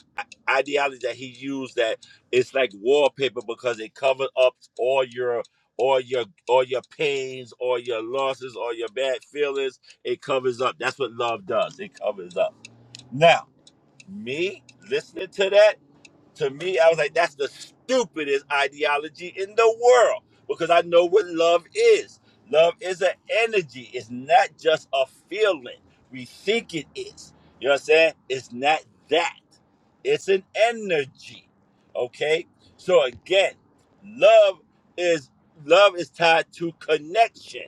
I: ideology that he used that it's like wallpaper because it covers up all your all your all your pains all your losses all your bad feelings it covers up that's what love does it covers up now me listening to that to me, I was like, that's the stupidest ideology in the world because I know what love is. Love is an energy, it's not just a feeling. We think it is. You know what I'm saying? It's not that, it's an energy. Okay? So, again, love is love is tied to connection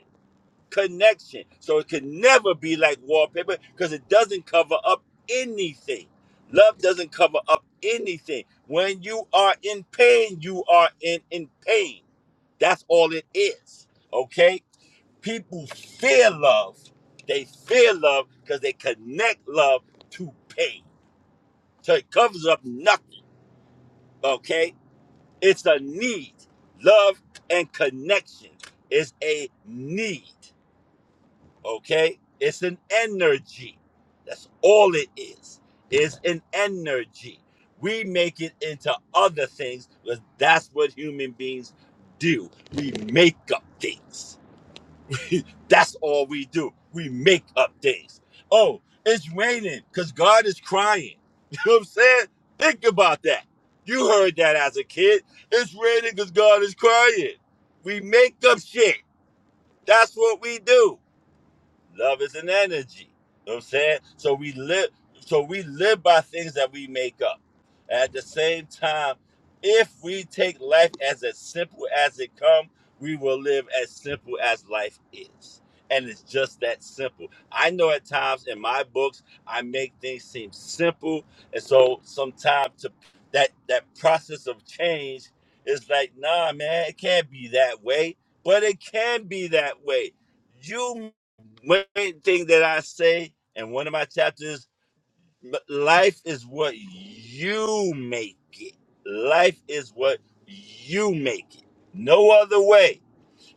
I: connection. So it could never be like wallpaper because it doesn't cover up anything. Love doesn't cover up anything. When you are in pain, you are in, in pain. That's all it is. Okay? People fear love. They fear love because they connect love to pain. So it covers up nothing. Okay? It's a need. Love and connection is a need. Okay? It's an energy. That's all it is. It's an energy. We make it into other things because that's what human beings do. We make up things. That's all we do. We make up things. Oh, it's raining because God is crying. You know what I'm saying? Think about that. You heard that as a kid. It's raining because God is crying. We make up shit. That's what we do. Love is an energy. You know what I'm saying? So we live so we live by things that we make up. At the same time, if we take life as as simple as it comes, we will live as simple as life is. And it's just that simple. I know at times in my books I make things seem simple. And so sometimes to that that process of change is like, nah, man, it can't be that way. But it can be that way. You one thing that I say in one of my chapters, l- life is what you make it. Life is what you make it. No other way.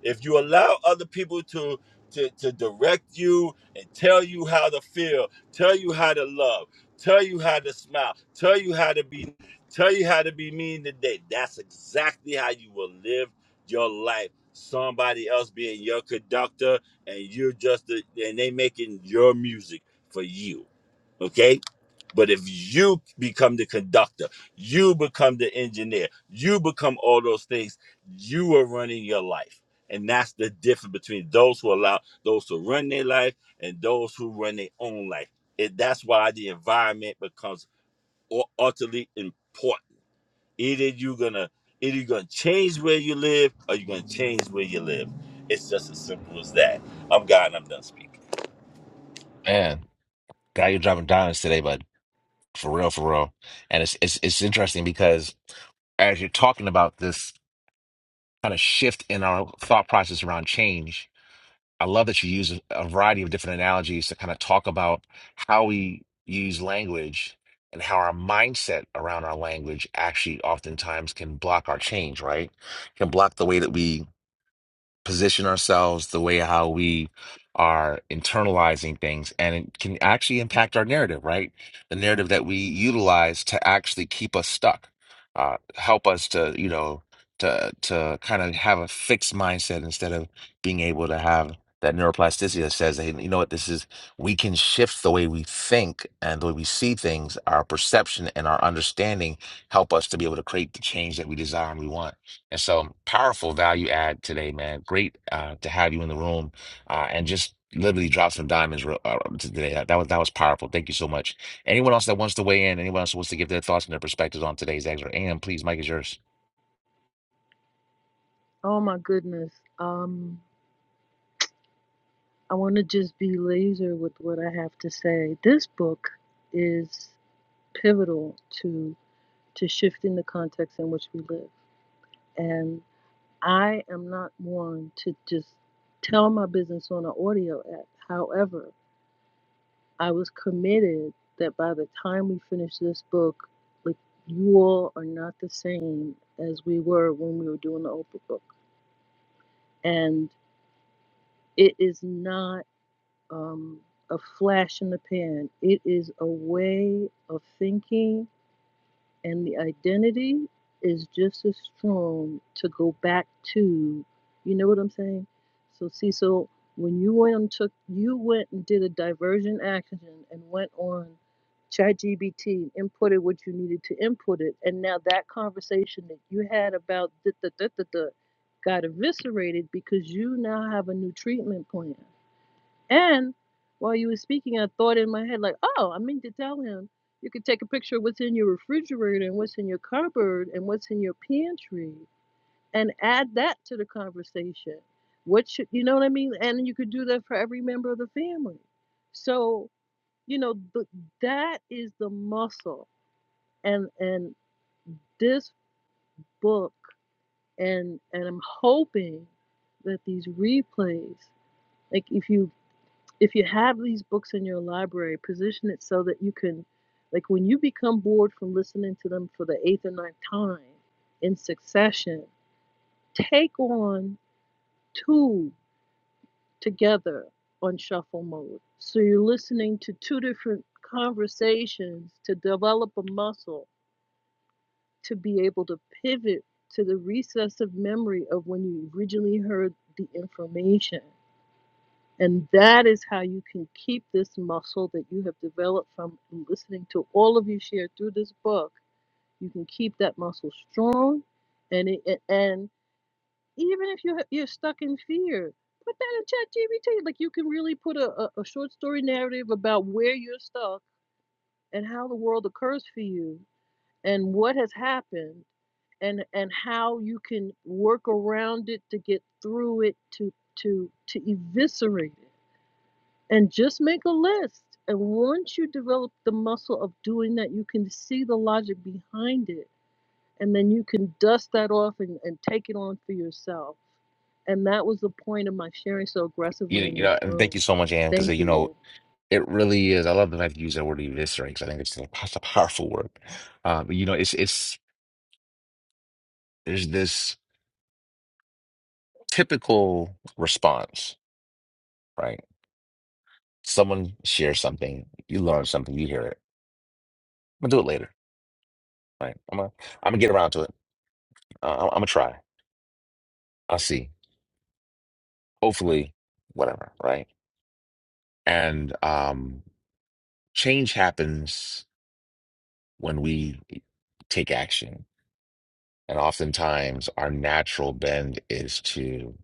I: If you allow other people to to, to direct you and tell you how to feel, tell you how to love, tell you how to smile, tell you how to be tell you how to be mean today. That's exactly how you will live your life. Somebody else being your conductor and you're just the, and they making your music for you Okay. But if you become the conductor, you become the engineer, you become all those things, you are running your life. And that's the difference between those who allow those who run their life and those who run their own life. And that's why the environment becomes u- utterly important. Either you're gonna either you're gonna change where you live or you're gonna change where you live. It's just as simple as that. I'm God and I'm done speaking.
A: Man, Guy, you're driving diamonds today, bud. For real, for real. And it's it's it's interesting because as you're talking about this kind of shift in our thought process around change, I love that you use a a variety of different analogies to kind of talk about how we use language and how our mindset around our language actually oftentimes can block our change, right? Can block the way that we position ourselves, the way how we are internalizing things, and it can actually impact our narrative, right? The narrative that we utilize to actually keep us stuck, uh, help us to, you know, to to kind of have a fixed mindset instead of being able to have that neuroplasticity that says, hey, you know what, this is we can shift the way we think and the way we see things, our perception and our understanding help us to be able to create the change that we desire and we want. And so powerful value add today, man. Great uh, to have you in the room uh, and just literally drop some diamonds real- uh, today. That, that was that was powerful. Thank you so much. Anyone else that wants to weigh in, anyone else who wants to give their thoughts and their perspectives on today's excerpt, and please, Mike is yours.
C: Oh my goodness. Um, I want to just be laser with what I have to say. This book is pivotal to to shifting the context in which we live. and. I am not one to just tell my business on an audio app. However, I was committed that by the time we finish this book, like you all are not the same as we were when we were doing the Oprah book. And it is not um, a flash in the pan. It is a way of thinking and the identity is just as strong to go back to you know what i'm saying so see so when you went and took you went and did a diversion action and went on ChatGPT, and inputted what you needed to input it and now that conversation that you had about the got eviscerated because you now have a new treatment plan and while you were speaking, I thought in my head, like, oh, I meant to tell him you could take a picture of what's in your refrigerator and what's in your cupboard and what's in your pantry and add that to the conversation. What should, you know what I mean? And you could do that for every member of the family. So, you know, th- that is the muscle. And, and this book, and, and I'm hoping that these replays, like if you if you have these books in your library, position it so that you can, like, when you become bored from listening to them for the eighth or ninth time in succession, take on two together on shuffle mode. So you're listening to two different conversations to develop a muscle to be able to pivot to the recessive memory of when you originally heard the information And that is how you can keep this muscle that you have developed from listening to all of you share through this book. You can keep that muscle strong, and it, and even if you you're stuck in fear, put that in ChatGPT. Like you can really put a, a, a short story narrative about where you're stuck and how the world occurs for you and what has happened and and how you can work around it to get through it to to to eviscerate it and just make a list. And once you develop the muscle of doing that, you can see the logic behind it. And then you can dust that off and, and take it on for yourself. And that was the point of my sharing so aggressively
A: You, you
C: in this
A: know, and
C: room.
A: thank you so much, Ann, because
C: Thank
A: you
C: you
A: know
C: all.
A: it really is. I love the fact that you use that word eviscerate 'cause I think it's a, it's a powerful word. Uh, but you know, it's it's there's this typical response, right? Someone shares something, you learn something, you hear it. I'm gonna do it later Right. I'm gonna I'm gonna get around to it. Uh, I'm gonna try. I'll see. Hopefully, whatever. Right. And um, change happens when we take action. And oftentimes, our natural bend is to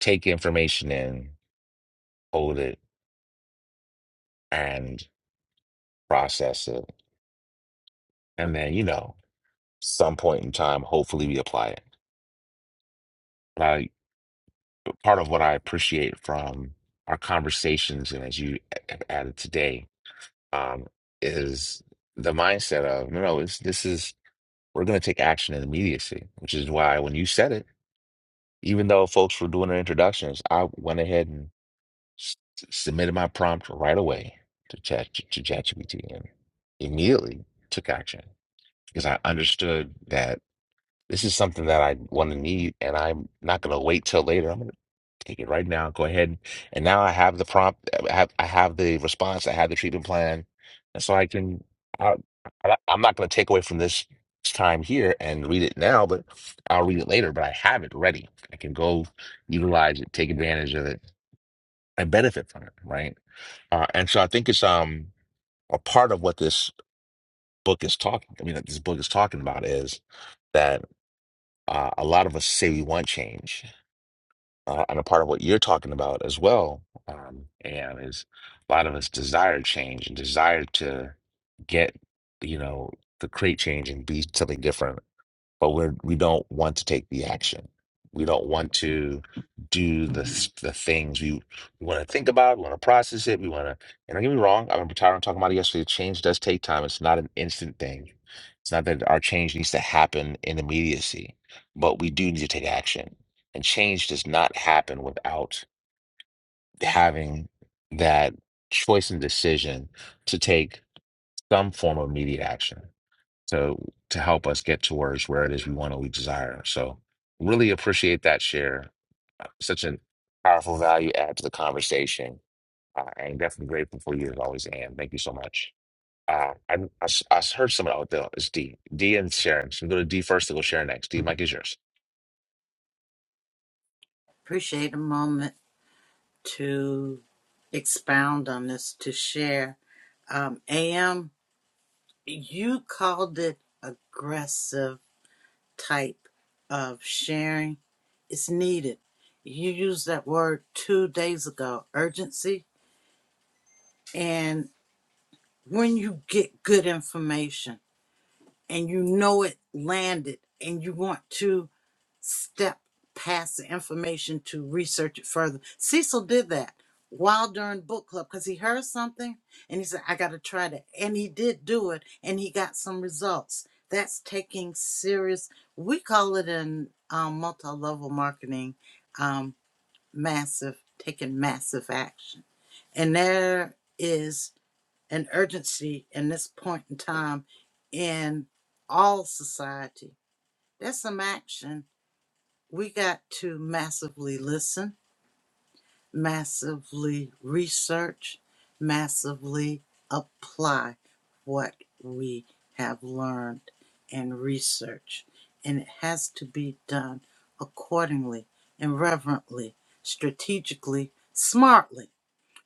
A: take information in, hold it, and process it. And then, you know, some point in time, hopefully, we apply it. But I, part of what I appreciate from our conversations, and as you a- added today, um, is the mindset of no, no, it's, this is we're going to take action in immediacy, which is why when you said it, even though folks were doing their introductions, I went ahead and s- submitted my prompt right away to Chat to ChatGPT and immediately took action because I understood that. This is something that I want to need, and I'm not going to wait till later. I'm going to take it right now. Go ahead, and now I have the prompt. I have I have the response. I have the treatment plan, and so I can. I, I- I'm not going to take away from this time here and read it now, but I'll read it later. But I have it ready. I can go utilize it, take advantage of it, and benefit from it. Right. Uh, and so I think it's um a part of what this book is talking. I mean, that this book is talking about is that. Uh, a lot of us say we want change, uh, and a part of what you're talking about as well, um, and is a lot of us desire change and desire to get, you know, to create change and be something different but we're we don't want to take the action. We don't want to do the s- the things we, we want to think about. We want to process it. We want to. And don't get me wrong. I remember Tyron talking about it yesterday. Change does take time. It's not an instant thing. It's not that our change needs to happen in immediacy, but we do need to take action. And change does not happen without having that choice and decision to take some form of immediate action to to help us get towards where it is we want and we desire. So really appreciate that share. Uh, Such a powerful value add to the conversation. Uh, I'm definitely grateful for you as always, Anne. Thank you so much. Uh, I, I s- I s- heard someone out there. It's D. D and Sharon. So we go to D first to go Sharon next. D, Mike is yours.
B: Appreciate a moment. to expound on this, to share. Um, AM, you called it aggressive type of sharing. It's needed. You used that word two days ago, urgency. And when you get good information and you know it landed and you want to step past the information to research it further. Cecil did that while during book club because he heard something and he said, I got to try that. And he did do it and he got some results. That's taking serious, we call it in um, multi level marketing, um, massive, taking massive action. And there is an urgency in this point in time in all society. There's some action we got to massively listen, massively research, massively apply what we have learned and research. And it has to be done accordingly and reverently, strategically, smartly.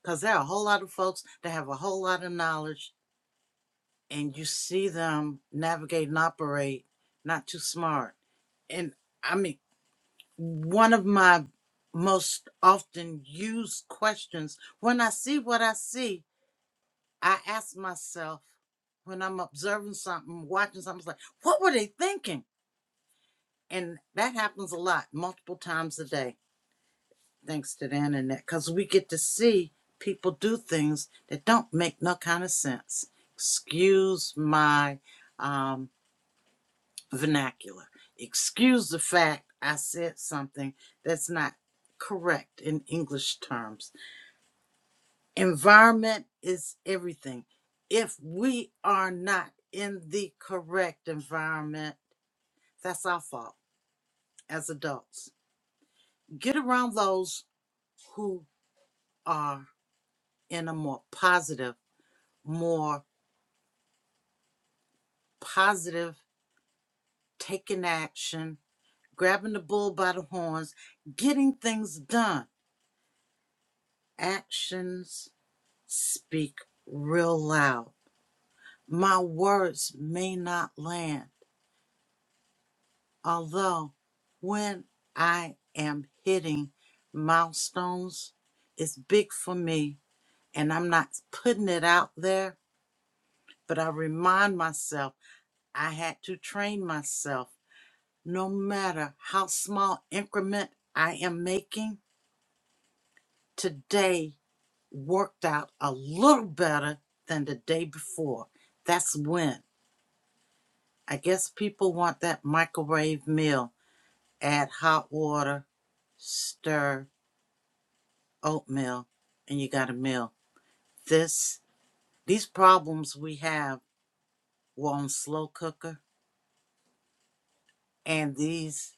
B: Because there are a whole lot of folks that have a whole lot of knowledge, and you see them navigate and operate not too smart. And I mean. one of my most often used questions when I see what I see, I ask myself when I'm observing something, watching something, it's like, what were they thinking? And that happens a lot, multiple times a day, thanks to the internet, because we get to see people do things that don't make no kind of sense. Excuse my um, vernacular. Excuse the fact I said something that's not correct in English terms. Environment is everything. If we are not in the correct environment, that's our fault as adults. Get around those who are in a more positive, more positive, taking action, grabbing the bull by the horns, getting things done. Actions speak real loud. My words may not land, although when I am hitting milestones, it's big for me and I'm not putting it out there, but I remind myself I had to train myself. No matter how small increment I am making, today worked out a little better than the day before. That's when. I guess people want that microwave meal. Add hot water, stir oatmeal, and you got a meal. This these problems we have were on slow cooker and these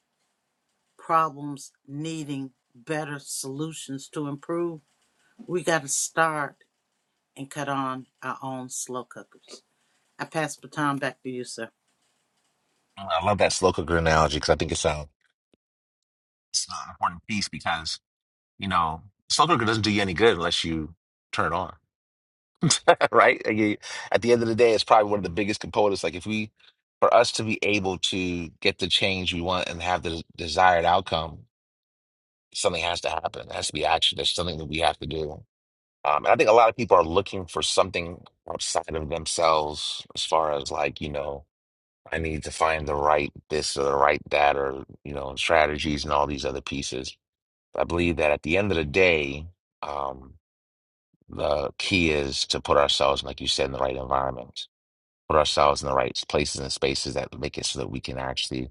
B: problems needing better solutions to improve, we gotta start and cut on our own slow cookers. I pass the baton back to you, sir.
A: I love that slow cooker analogy because I think it's, a, it's an important piece because, you know, slow cooker doesn't do you any good unless you turn it on right? Like, you- At the end of the day, it's probably one of the biggest components. Like if we, for us to be able to get the change we want and have the desired outcome, something has to happen. It has to be action. There's something that we have to do. Um, and I think a lot of people are looking for something outside of themselves, as far as like, you know, I need to find the right this or the right that or, you know, strategies and all these other pieces. I believe that at the end of the day, um, the key is to put ourselves, like you said, in the right environment put ourselves in the right places and spaces that make it so that we can actually,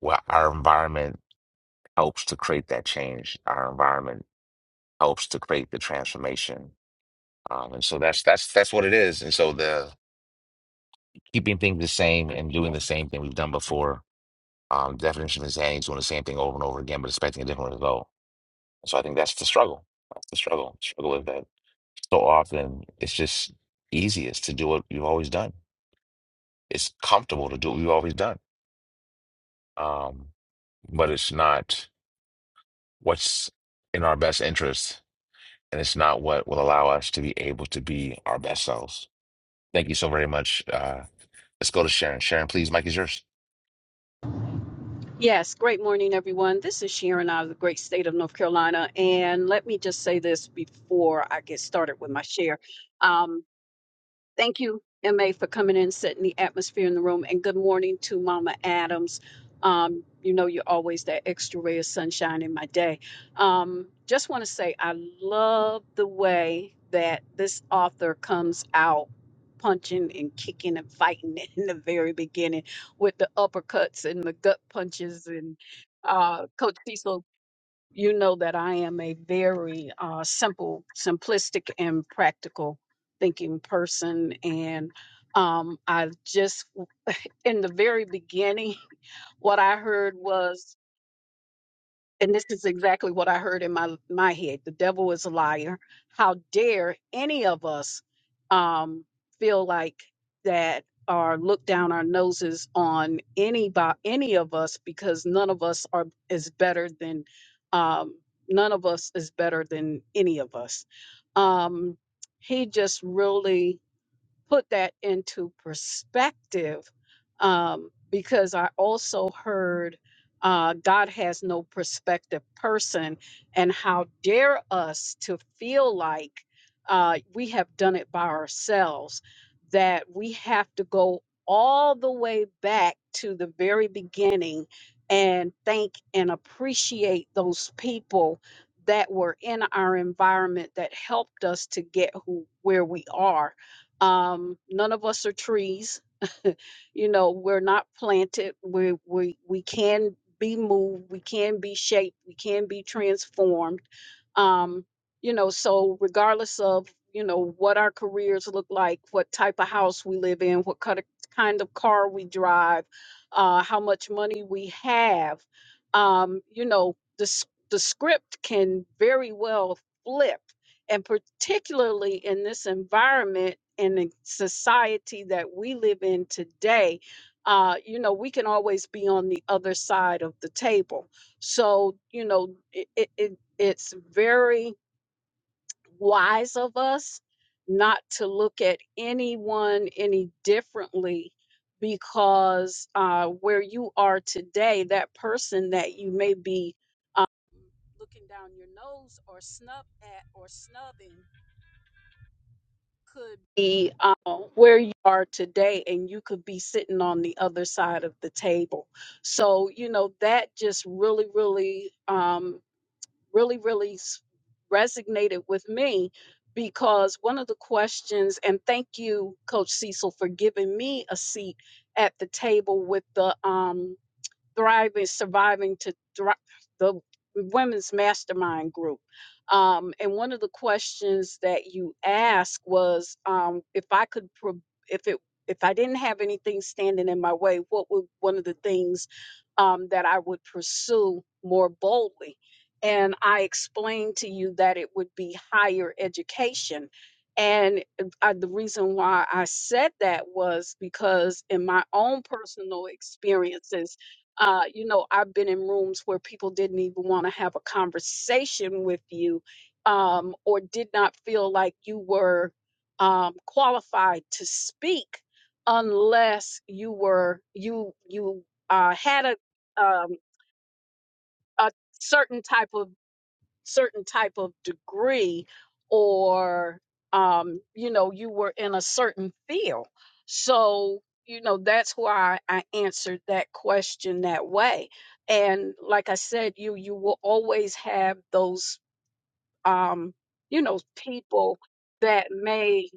A: well, our environment helps to create that change. Our environment helps to create the transformation. Um, and so that's that's that's what it is. And so the keeping things the same and doing the same thing we've done before, um, definition of insanity is doing the same thing over and over again, but expecting a different result. So I think that's the struggle. That's the struggle. Struggle with that. So often it's just easiest to do what you've always done. It's comfortable to do what you've always done um, but it's not what's in our best interest, and it's not what will allow us to be able to be our best selves. Thank you so very much. Uh, let's go to Sharon. Sharon, please, Mike is yours.
F: Yes, great morning, everyone. This is Sharon out of the great state of North Carolina. And let me just say this before I get started with my share. Thank you, MA, for coming in, setting the atmosphere in the room. And good morning to Mama Adams. Um, you know, you're always that extra ray of sunshine in my day. Um, just want to say I love the way that this author comes out punching and kicking and fighting in the very beginning with the uppercuts and the gut punches and uh, Coach Cecil you know that I am a very uh, simple, simplistic, and practical thinking person. And um, I just, in the very beginning, what I heard was and this is exactly what I heard in my my head. The devil is a liar. How dare any of us um, feel like that or look down our noses on any by any of us because none of us are is better than um, none of us is better than any of us. Um, he just really put that into perspective um, because I also heard uh, God has no perspective person, and how dare us to feel like uh, we have done it by ourselves, that we have to go all the way back to the very beginning and thank and appreciate those people that were in our environment that helped us to get who where we are um, none of us are trees. you know, we're not planted. We we we can be moved. We can be shaped. We can be transformed. Um, you know, so regardless of you know what our careers look like, what type of house we live in, what kind of kind of car we drive, uh, how much money we have, um, you know, the s- the script can very well flip and particularly in this environment and the society that we live in today uh, you know we can always be on the other side of the table so you know it, it, it it's very wise of us not to look at anyone any differently because uh, where you are today that person that you may be looking down your nose or snub at or snubbing could be uh, where you are today and you could be sitting on the other side of the table so you know that just really really um, really really s- resonated with me because one of the questions and thank you coach cecil for giving me a seat at the table with the um, thriving, surviving to thri- the women's mastermind group. Um, and one of the questions that you asked was um, if I could, pro- if it, if I didn't have anything standing in my way, what would one of the things um, that I would pursue more boldly? And I explained to you that it would be higher education. And I, the reason why I said that was because in my own personal experiences, uh, you know, I've been in rooms where people didn't even want to have a conversation with you um, or did not feel like you were um, qualified to speak unless you were you you uh, had a um, a certain type of certain type of degree or um you know you were in a certain field so you know that's why i answered that question that way and like i said you you will always have those um you know people that may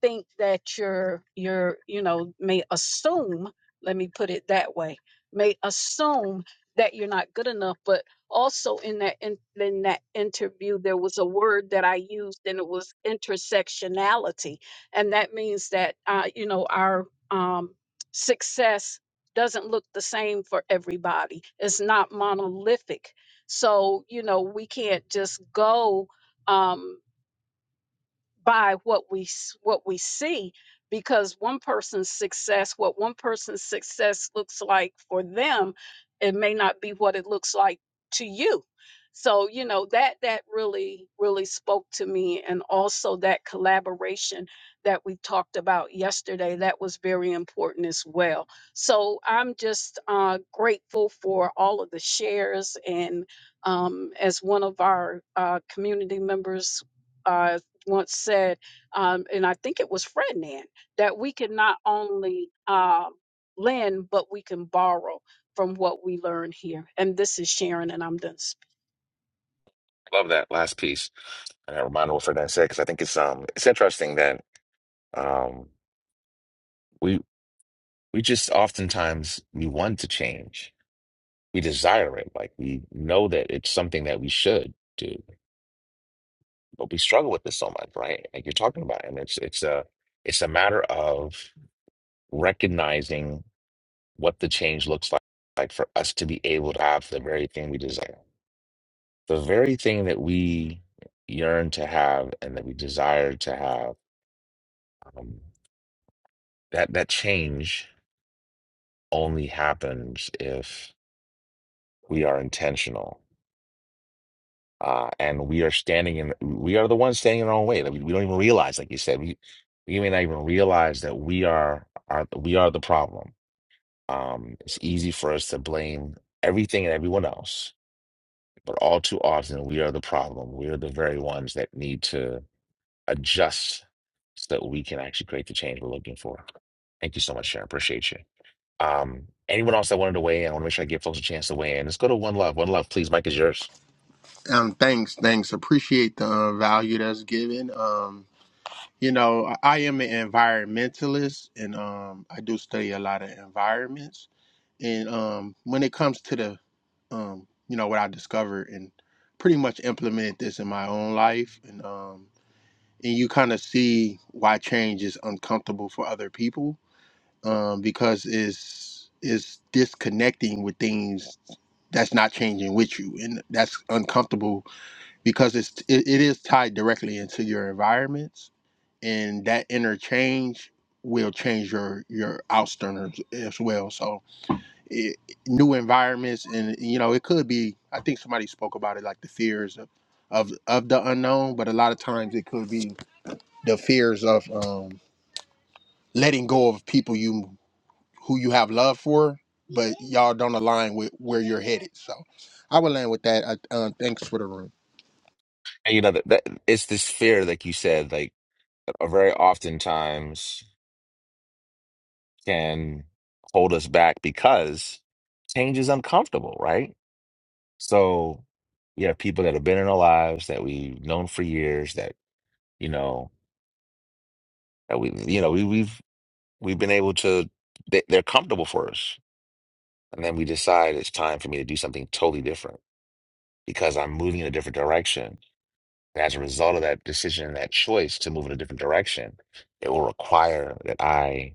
F: think that you're you're you know may assume let me put it that way may assume that you're not good enough but also in that in, in that interview there was a word that i used and it was intersectionality and that means that uh, you know our um, success doesn't look the same for everybody it's not monolithic so you know we can't just go um by what we s- what we see because one person's success what one person's success looks like for them it may not be what it looks like to you so you know that that really really spoke to me and also that collaboration that we talked about yesterday that was very important as well so i'm just uh, grateful for all of the shares and um, as one of our uh, community members uh, once said, um, and I think it was Fred Nan, that we can not only um, lend, but we can borrow from what we learn here. And this is Sharon, and I'm done.
A: Love that last piece and that reminder of what Ferdinand said because I think it's um it's interesting that um we we just oftentimes we want to change, we desire it, like we know that it's something that we should do, but we struggle with this so much, right? Like you're talking about, and it's it's a it's a matter of recognizing what the change looks like, like for us to be able to have the very thing we desire, the very thing that we yearn to have and that we desire to have. Um, that that change only happens if we are intentional. Uh, and we are standing in, we are the ones standing in our own way that we, we don't even realize, like you said, we, we may not even realize that we are, are we are the problem. Um, it's easy for us to blame everything and everyone else But all too often, we are the problem. We are the very ones that need to adjust so that we can actually create the change we're looking for. Thank you so much, Sharon. Appreciate you. Um, anyone else that wanted to weigh in, I want to make sure I give folks a chance to weigh in. Let's go to One Love. One Love, please. Mike is yours.
H: Um, thanks, thanks. Appreciate the uh, value that's given. Um, you know, I I am an environmentalist, and um, I do study a lot of environments. And um, when it comes to the, um, you know, what I discovered and pretty much implemented this in my own life, and um, and you kind of see why change is uncomfortable for other people, um, because it's it's disconnecting with things that's not changing with you, and that's uncomfortable because it's it, it is tied directly into your environments and that interchange will change your your outsterners as well so it, new environments and you know it could be i think somebody spoke about it like the fears of of, of the unknown but a lot of times it could be the fears of um letting go of people you who you have love for but y'all don't align with where you're headed so i would land with that I, uh, thanks for the room
A: And you know that, that it's this fear, like you said, like uh, very oftentimes can hold us back because change is uncomfortable, right? So you have people that have been in our lives that we've known for years that you know. that we you know we we've we've been able to they, they're comfortable for us and then we decide it's time for me to do something totally different because i'm moving in a different direction and as a result of that decision that choice to move in a different direction it will require that i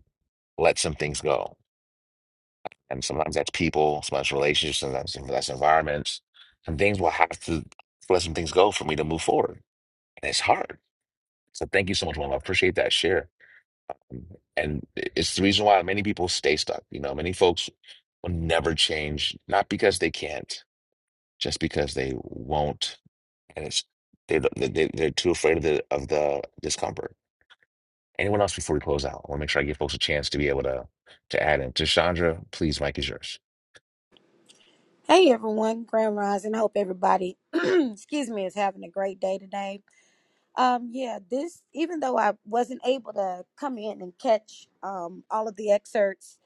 A: let some things go and sometimes that's people sometimes relationships sometimes that's environments some things will have to let some things go for me to move forward and it's hard so thank you so much Mom. i appreciate that share And it's the reason why many people stay stuck. You know, many folks will never change, not because they can't, just because they won't. And it's they they they- they're too afraid of the of the discomfort. Anyone else before we close out? I want to make sure I give folks a chance to be able to to add in. Tashandra, please, Mike is yours.
J: Hey everyone, Grand Rising. I hope everybody, excuse me, is having a great day today. Um, yeah, this even though I wasn't able to come in and catch um all of the excerpts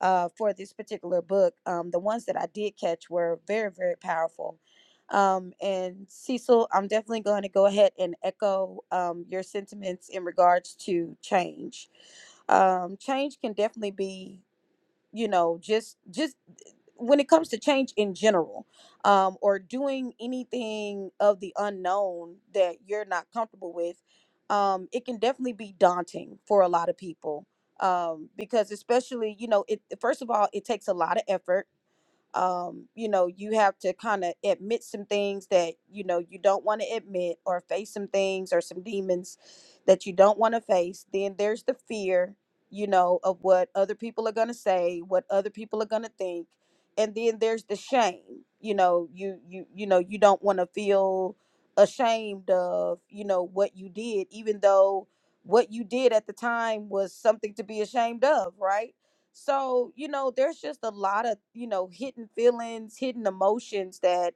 J: uh for this particular book, um the ones that I did catch were very very powerful. Um and Cecil, I'm definitely going to go ahead and echo um your sentiments in regards to change um change can definitely be you know just just when it comes to change in general um, or doing anything of the unknown that you're not comfortable with um, it can definitely be daunting for a lot of people um, because especially you know it first of all it takes a lot of effort um, you know, you have to kind of admit some things that, you know, you don't want to admit or face some things or some demons that you don't want to face. Then there's the fear, you know, of what other people are going to say, what other people are going to think. And then there's the shame, you know, you, you, you know, you don't want to feel ashamed of, you know, what you did, even though what you did at the time was something to be ashamed of, right? So, you know, there's just a lot of, you know, hidden feelings, hidden emotions that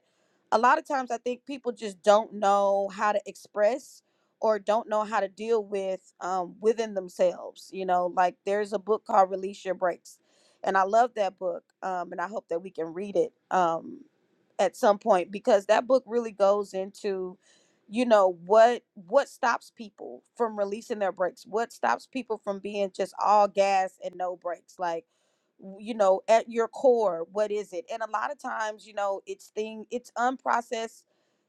J: a lot of times I think people just don't know how to express or don't know how to deal with um, within themselves. You know, like there's a book called Release Your Breaks, and I love that book, um, and I hope that we can read it um, at some point because that book really goes into you know what what stops people from releasing their brakes what stops people from being just all gas and no brakes like w- you know at your core what is it and a lot of times you know it's thing it's unprocessed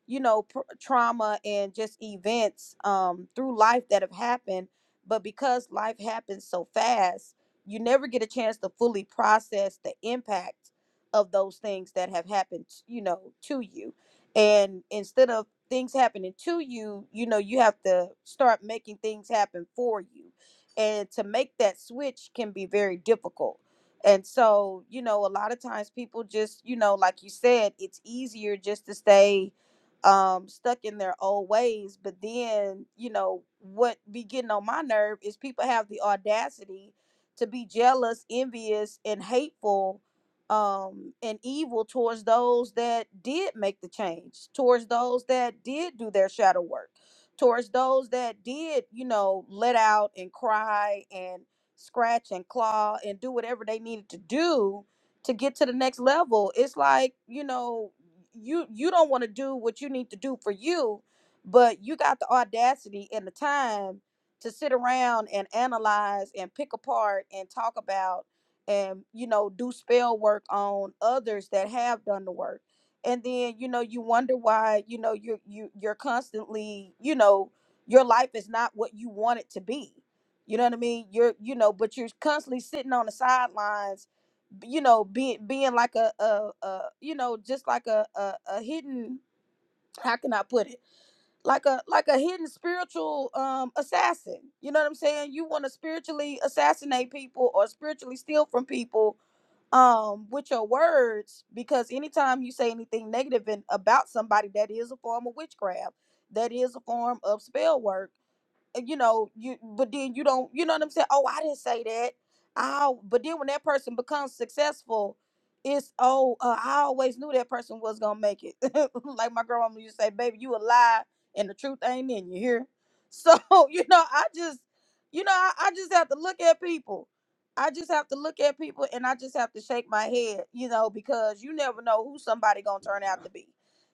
J: you know pr- trauma and just events um through life that have happened but because life happens so fast you never get a chance to fully process the impact of those things that have happened you know to you and instead of things happening to you, you know, you have to start making things happen for you. And to make that switch can be very difficult. And so, you know, a lot of times people just, you know, like you said, it's easier just to stay um stuck in their old ways, but then, you know, what be getting on my nerve is people have the audacity to be jealous, envious, and hateful um and evil towards those that did make the change towards those that did do their shadow work towards those that did you know let out and cry and scratch and claw and do whatever they needed to do to get to the next level it's like you know you you don't want to do what you need to do for you but you got the audacity and the time to sit around and analyze and pick apart and talk about and you know do spell work on others that have done the work and then you know you wonder why you know you you you're constantly you know your life is not what you want it to be you know what i mean you're you know but you're constantly sitting on the sidelines b- you know being being like a a, a you know just like a, a a hidden how can i put it like a like a hidden spiritual um assassin you know what i'm saying you want to spiritually assassinate people or spiritually steal from people um with your words because anytime you say anything negative and about somebody that is a form of witchcraft that is a form of spell work uh, you know, you but then you don't, you know what I'm saying? Oh, I didn't say that. Oh, but then when that person becomes successful, it's oh, uh, I always knew that person was gonna make it. like my grandma used to say, "Baby, you a lie, and the truth ain't in you." Here, so you know, I just, you know, I, I just have to look at people. I just have to look at people, and I just have to shake my head, you know, because you never know who somebody gonna turn out to be,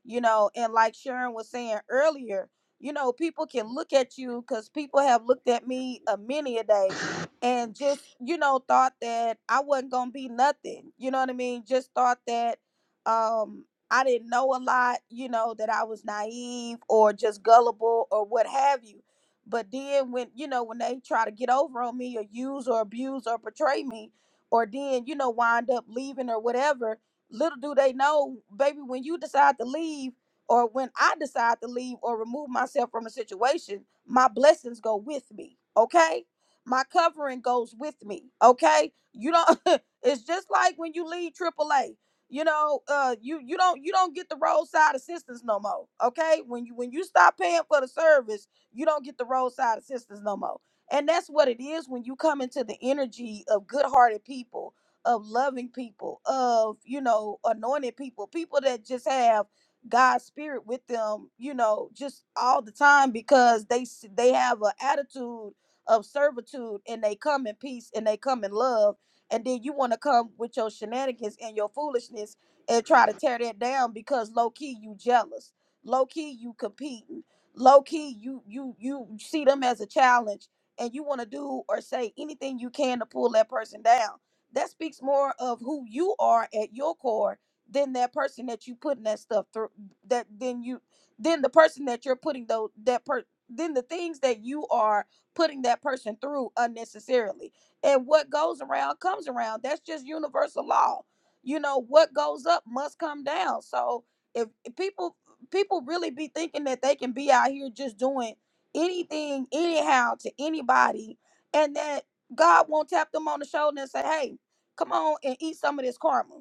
J: you know. And like Sharon was saying earlier, you know, people can look at you because people have looked at me a many a day and just, you know, thought that I wasn't gonna be nothing. You know what I mean? Just thought that um I didn't know a lot, you know, that I was naive or just gullible or what have you. But then when, you know, when they try to get over on me or use or abuse or betray me, or then, you know, wind up leaving or whatever, little do they know, baby, when you decide to leave or when I decide to leave or remove myself from a situation, my blessings go with me. Okay. My covering goes with me. Okay. You don't it's just like when you leave AAA. You know, uh you you don't you don't get the roadside assistance no more. Okay. When you when you stop paying for the service, you don't get the roadside assistance no more. And that's what it is when you come into the energy of good hearted people, of loving people, of, you know, anointed people, people that just have God's spirit with them, you know, just all the time because they s- they have an attitude of servitude and they come in peace and they come in love, and then you want to come with your shenanigans and your foolishness and try to tear that down because low key you jealous, low key you competing, low key you you you see them as a challenge and you want to do or say anything you can to pull that person down. That speaks more of who you are at your core than that person that you putting that stuff through that then you then the person that you're putting though that per then the things that you are putting that person through unnecessarily and what goes around comes around that's just universal law you know what goes up must come down so if, if people people really be thinking that they can be out here just doing anything anyhow to anybody and that god won't tap them on the shoulder and say hey come on and eat some of this karma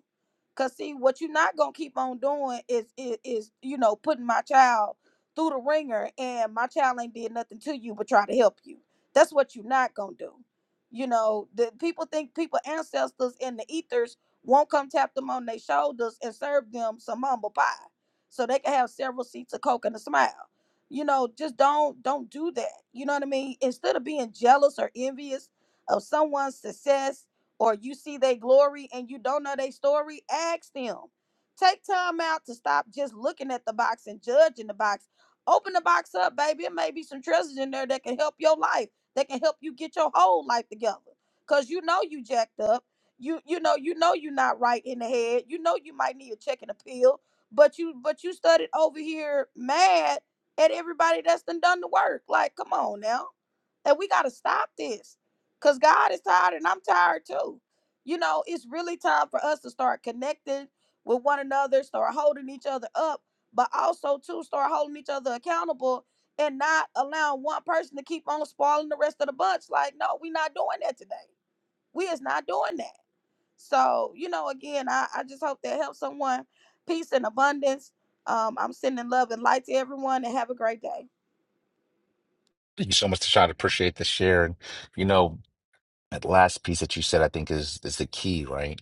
J: Cause see, what you're not gonna keep on doing is is, is you know putting my child through the ringer, and my child ain't did nothing to you but try to help you. That's what you're not gonna do. You know, the people think people ancestors in the ethers won't come tap them on their shoulders and serve them some humble pie, so they can have several seats of coke and a smile. You know, just don't don't do that. You know what I mean? Instead of being jealous or envious of someone's success or you see their glory and you don't know their story, ask them. Take time out to stop just looking at the box and judging the box. Open the box up, baby. It may be some treasures in there that can help your life, that can help you get your whole life together. Cause you know you jacked up. You you know you know you're not right in the head. You know you might need a check and a pill. But you but you studied over here mad at everybody that's done done the work. Like, come on now and we got to stop this because God is tired and I'm tired too. You know, it's really time for us to start connecting with one another, start holding each other up, but also to start holding each other accountable and not allowing one person to keep on spoiling the rest of the bunch. Like, no, we're not doing that today. We is not doing that. So, you know, again, I, I just hope that helps someone. Peace and abundance. Um, I'm sending love and light to everyone and have a great day.
A: Thank you so much, Tashawn. Appreciate the share. And you know, that last piece that you said, I think is is the key, right?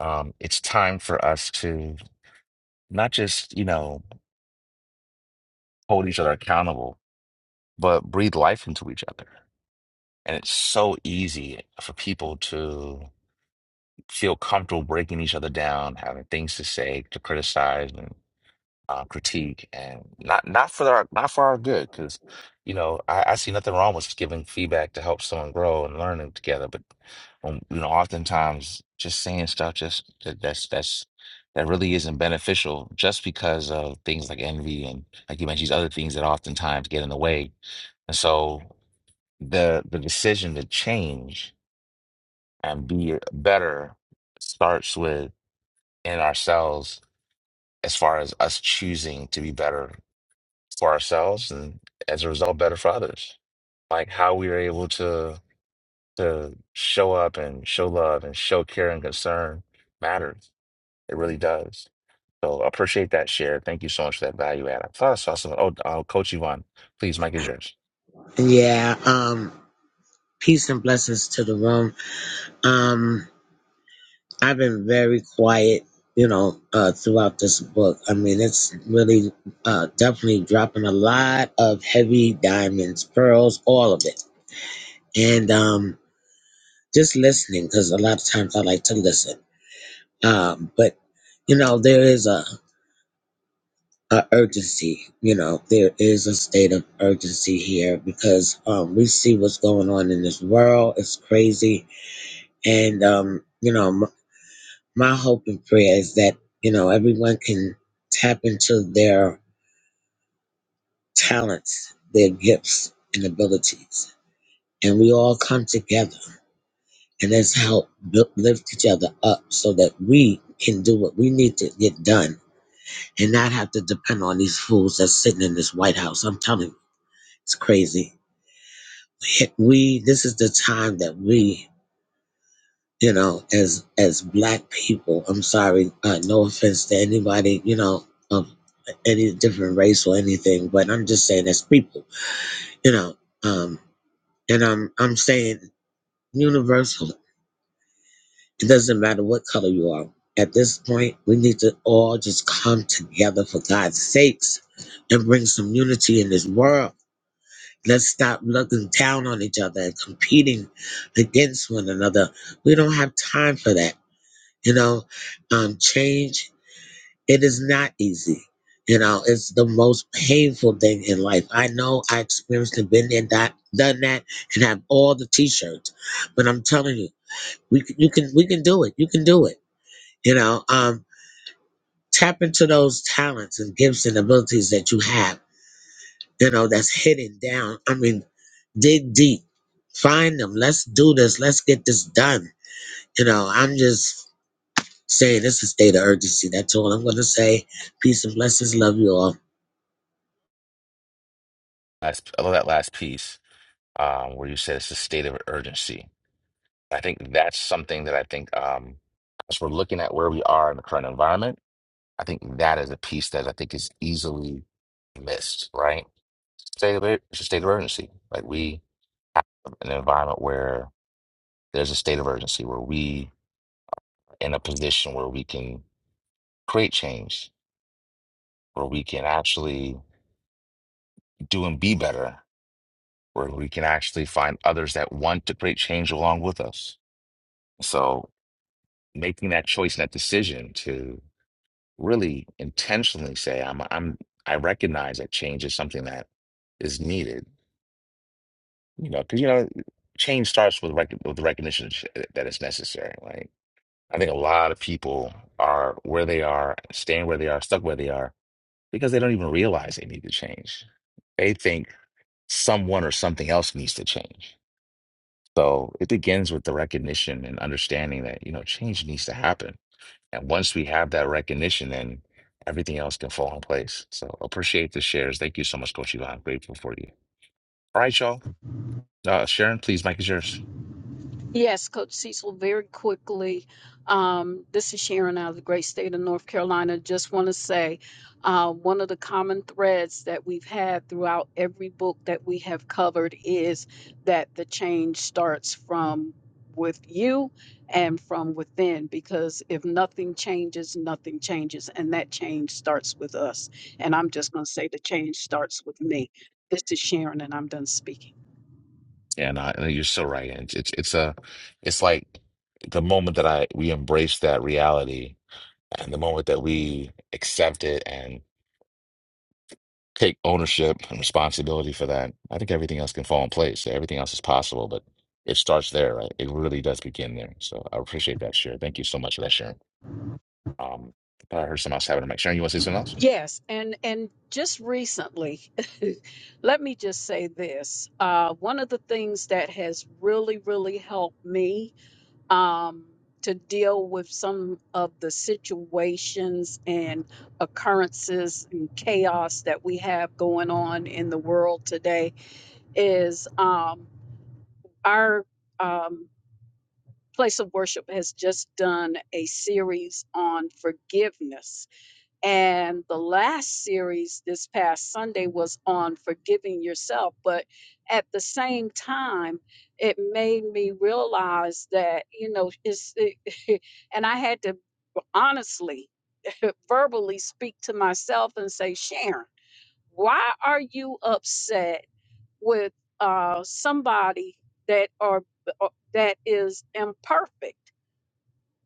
A: Um, it's time for us to not just, you know, hold each other accountable. but breathe life into each other. And it's so easy for people to feel comfortable breaking each other down, having things to say, to criticize and uh, critique, and not not for our not for our good. Because you know, I, I see nothing wrong with giving feedback to help someone grow and learning together. But um, you know, oftentimes just saying stuff just that, that's that's that really isn't beneficial, just because of things like envy and like you mentioned, these other things that oftentimes get in the way. And so the the decision to change and be better starts with in ourselves as far as us choosing to be better for ourselves and as a result better for others like how we are able to to show up and show love and show care and concern matters it really does so I appreciate that share thank you so much for that value add i thought i saw something oh uh, coach yvonne please mike is yours
K: Yeah, um, peace and blessings to the room. Um, I've been very quiet, you know, uh, throughout this book. I mean, it's really, uh, definitely dropping a lot of heavy diamonds, pearls, all of it. And, um, just listening, because a lot of times I like to listen. Um, but, you know, there is a, a urgency, you know, there is a state of urgency here because, um, we see what's going on in this world. It's crazy And, um, you know, m- my hope and prayer is that, you know, everyone can tap into their talents, their gifts and abilities. And we all come together and let's help bu- lift each other up so that we can do what we need to get done and not have to depend on these fools that's sitting in this White House. I'm telling you, it's crazy. We, this is the time that we you know, as as black people, I'm sorry, uh, no offense to anybody, you know, of any different race or anything, but I'm just saying as people, you know, um, and I'm I'm saying universal. It doesn't matter what color you are. At this point, we need to all just come together for God's sakes and bring some unity in this world. Let's stop looking down on each other and competing against one another. We don't have time for that. You know, um, change, it is not easy. You know, it's the most painful thing in life. I know I experienced and been there, that, done that, and have all the t-shirts. But I'm telling you, we can, you can, we can do it. You can do it. You know, um, tap into those talents and gifts and abilities that you have, you know, that's hidden down. I mean, dig deep, find them. Let's do this. Let's get this done. You know, I'm just Say this is state of urgency. That's all I'm going to say. Peace and blessings. Love you all.
A: last, i love that last piece um, where you said it's a state of urgency I think that's something that I think um, as we're looking at where we are in the current environment, I think that is a piece that I think is easily missed, right? State of, it- it's a state of urgency. Like we have an environment where there's a state of urgency, where we are in a position where we can create change, where we can actually do and be better, where we can actually find others that want to create change along with us. So making that choice and that decision to. really intentionally say I'm I'm I recognize that change is something that is needed, you know, because you know change starts with rec with the recognition sh- that it's necessary, right? I think a lot of people are where they are, staying where they are, stuck where they are because they don't even realize they need to change. They think someone or something else needs to change. So it begins with the recognition and understanding that, you know, change needs to happen And once we have that recognition, then everything else can fall in place. So appreciate the shares. Thank you so much, Coach Yvonne. Grateful for you. All right, y'all. Uh, Sharon, please, Mike is yours.
F: Yes, Coach Cecil, very quickly. Um, this is Sharon out of the great state of North Carolina. Just want to say uh, one of the common threads that we've had throughout every book that we have covered is that the change starts from with you and from within because if nothing changes, nothing changes. And that change starts with us. And I'm just going to say the change starts with me. This is Sharon, and I'm done speaking.
A: Yeah, no, I- you're so right. It's, it's it's a it's like the moment that I we embrace that reality and the moment that we accept it and take ownership and responsibility for that, I think everything else can fall in place. Everything else is possible, but it starts there, right? It really does begin there. So I appreciate that, Sharon. Thank you so much for that, Sharon. Um, I heard someone else having a mic. Sharon, you want to say something else?
F: Yes, and and just recently, let me just say this. Uh, one of the things that has really, really helped me um, to deal with some of the situations and occurrences and chaos that we have going on in the world today is um, our um, place of worship has just done a series on forgiveness and the last series this past Sunday was on forgiving yourself. But at the same time, it made me realize that, you know, it's, it, and I had to honestly verbally speak to myself and say, Sharon, why are you upset with uh, somebody that are uh, that is imperfect?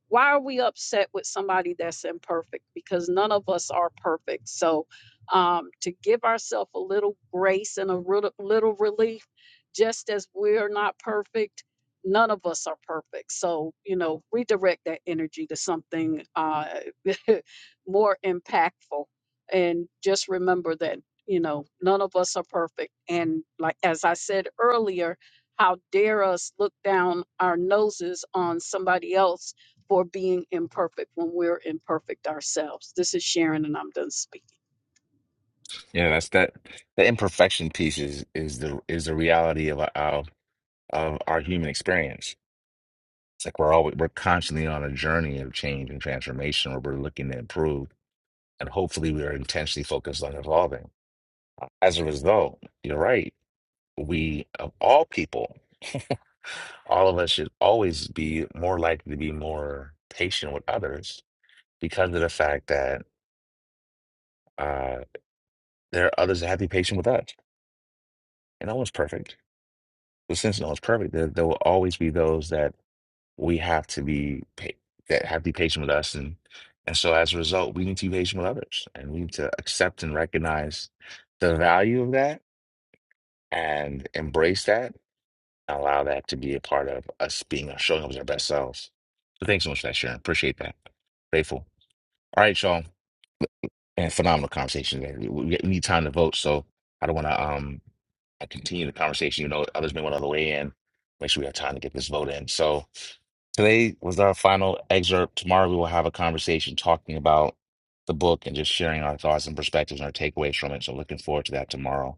F: why are we upset with somebody that's imperfect because none of us are perfect so um, to give ourselves a little grace and a little, little relief just as we're not perfect none of us are perfect so you know redirect that energy to something uh, more impactful and just remember that you know none of us are perfect and like as i said earlier how dare us look down our noses on somebody else for being imperfect when we're imperfect ourselves. This is Sharon, and I'm done speaking.
A: Yeah, that's that. The imperfection piece is is the is the reality of of of our human experience. It's like we're always we're constantly on a journey of change and transformation, where we're looking to improve, and hopefully we are intentionally focused on evolving. As a result, you're right. We of all people, all of us should always be more likely to be more patient with others because of the fact that uh, there are others that have to be patient with us and no one's perfect. But since no one's perfect, there, there will always be those that we have to be pa- that have to be patient with us, and and so as a result, we need to be patient with others, and we need to accept and recognize the value of that, and embrace that, and allow that to be a part of us being showing up as our best selves. So thanks so much for that, Sharon. Appreciate that. Grateful. All right, y'all. and phenomenal conversation. We, we need time to vote, so I don't want to um I continue the conversation. You know, others may want to weigh in. Make sure we have time to get this vote in. So today was our final excerpt. Tomorrow we will have a conversation talking about the book and just sharing our thoughts and perspectives and our takeaways from it. So looking forward to that tomorrow.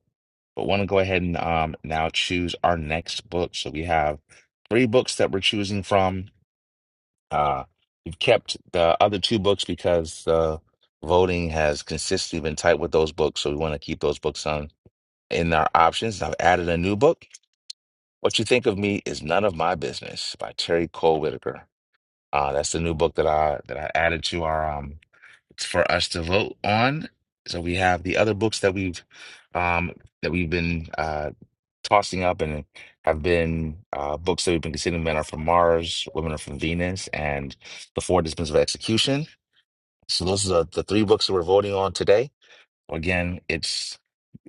A: But want to go ahead and um now choose our next book. So we have three books that we're choosing from uh, we've kept the other two books because uh, voting has consistently been tight with those books, so we want to keep those books on in our options. I've added a new book. What you think of me is none of my business by Terry Cole Whitaker. Uh, that's the new book that I that I added to our um it's for us to vote on. So we have the other books that we've um that we've been uh tossing up and have been uh, books that we've been considering men are from mars women are from venus and the four disciplines of execution so those are the three books that we're voting on today again it's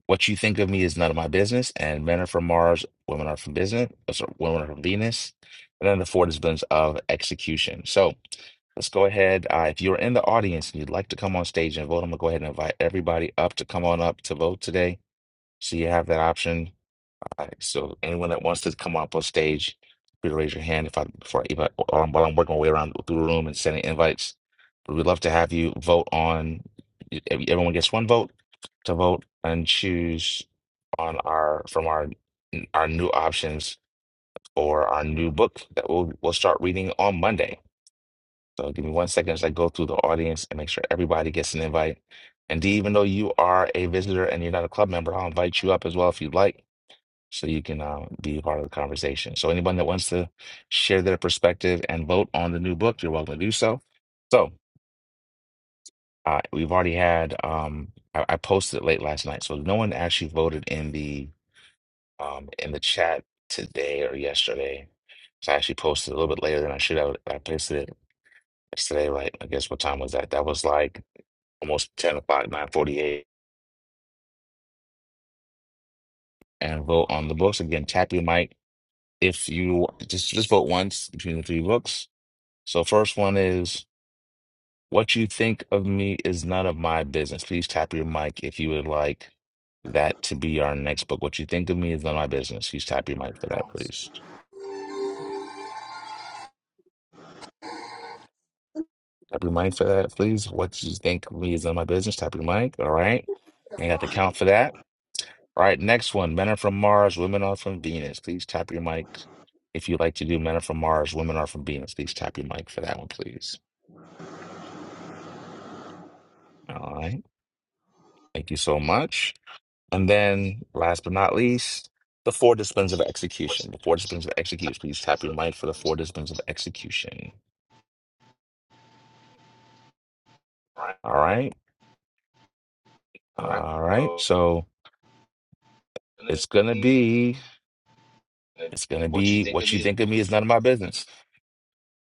A: what you think of me is none of my business and men are from mars women are from business uh, sorry, women are from venus and then the four disciplines of execution so let's go ahead uh, if you're in the audience and you'd like to come on stage and vote i'm going to go ahead and invite everybody up to come on up to vote today so you have that option all right, so anyone that wants to come up on stage, please raise your hand if I before if I, while I'm while I'm working my way around through the room and sending invites. We'd love to have you vote on. every- Everyone gets one vote to vote and choose on our from our our new options or our new book that we'll we'll start reading on Monday. So give me one second as I go through the audience and make sure everybody gets an invite. And D, even though you are a visitor and you're not a club member, I'll invite you up as well if you'd like so you can uh, be a part of the conversation. So anyone that wants to share their perspective and vote on the new book, you're welcome to do so. So uh, we've already had um, I, I posted it late last night, so no one actually voted in the um, in the chat today or yesterday. So I actually posted it a little bit later than I should have. I posted it yesterday, like I guess what time was that? That was like almost ten o'clock, nine forty-eight, and vote on the books again. Tap your mic if you just just vote once between the three books So first one is what you think of me is none of my business. Please tap your mic if you would like that to be our next book. What you think of me is none of my business. Please tap your mic for that, please. Tap your mic for that, please. What you think of me is none of my business. Tap your mic. All right. Ain't got to count for that. All right, next one. Men are from Mars, women are from Venus. Please tap your mic if you'd like to do Men are from Mars, women are from Venus. Please tap your mic for that one, please. All right. Thank you so much. And then, last but not least, the four disciplines of execution. The four disciplines of execution. Please tap your mic for the four disciplines of execution.
C: Right,
A: All right.
C: right.
A: All right.
C: So,
A: So it's gonna be it's gonna
C: what you
A: be
C: think of
A: what you
C: me
A: think of me is none of my business.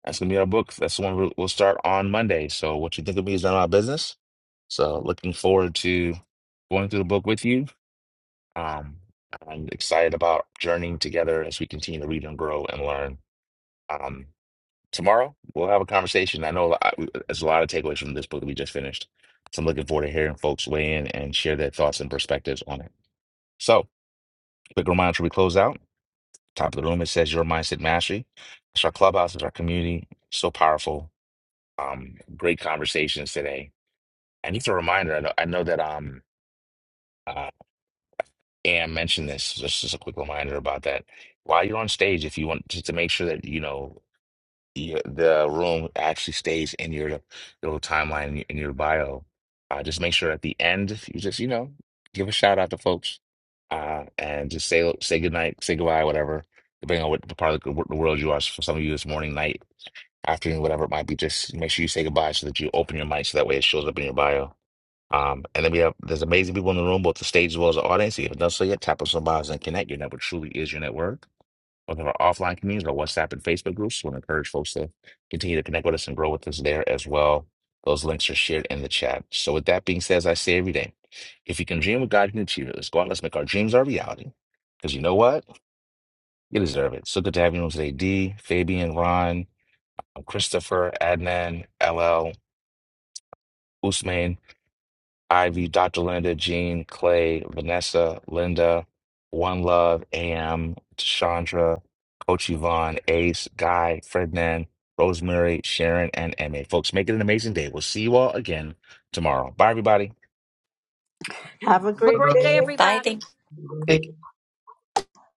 A: That's gonna be our book. That's the one we'll we'll start on Monday. So what you think of me is none of my business. So looking forward to going through the book with you. Um, I'm excited about journeying together as we continue to read and grow and learn. Um, tomorrow we'll have a conversation. I know a lot, there's a lot of takeaways from this book that we just finished. So I'm looking forward to hearing folks weigh in and share their thoughts and perspectives on it. So, quick reminder before we close out. Top of the room, it says your mindset mastery. It's our clubhouse, it's our community. So powerful. Um, great conversations today. And just a reminder, I know, I know that um uh Ann mentioned this. Just, just a quick reminder about that. While you're on stage, if you want just to make sure that you know your, the room actually stays in your little timeline in your, in your bio. Uh, just make sure at the end you just you know give a shout out to folks uh, and just say say good night, say goodbye, whatever. Depending on what the part of the the world you are, for some of you it's morning, night, afternoon, whatever it might be, just make sure you say goodbye so that you open your mic so that way it shows up in your bio. Um, and then we have there's amazing people in the room, both the stage as well as the audience. If you've done so yet, tap on some bios and connect. Your network truly is your network. One of our offline communities, our WhatsApp and Facebook groups. so We want to encourage folks to continue to connect with us and grow with us there as well. Those links are shared in the chat. So, with that being said, as I say every day, if you can dream what God can achieve it, let's go out. Let's make our dreams our reality. Because you know what? You deserve it. So good to have you on today, D, Fabian, Ron, Christopher, Adnan, LL, Usman. Ivy, Dr. Linda, Jean, Clay, Vanessa, Linda, One Love, AM, Chandra, Coach Yvonne, Ace, Guy, Fredman, Rosemary, Sharon, and Emma. Folks, make it an amazing day. We'll see you all again tomorrow. Bye, everybody.
G: Have a
F: Have a
G: great
F: great day,
G: day.
L: Rain,
M: Bye. Thank
F: everybody.
A: Take,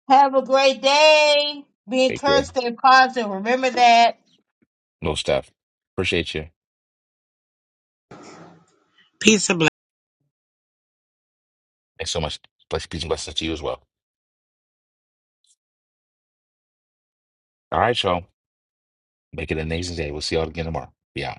E: Have a great day. Be
A: take care.
E: encouraged, stay positive. Remember that.
A: No stuff. Appreciate you.
K: Peace and blessings.
A: Thanks so much. Bless, peace and blessings to you as well. All right, y'all. Make it an amazing day. We'll see you all again tomorrow. Be out.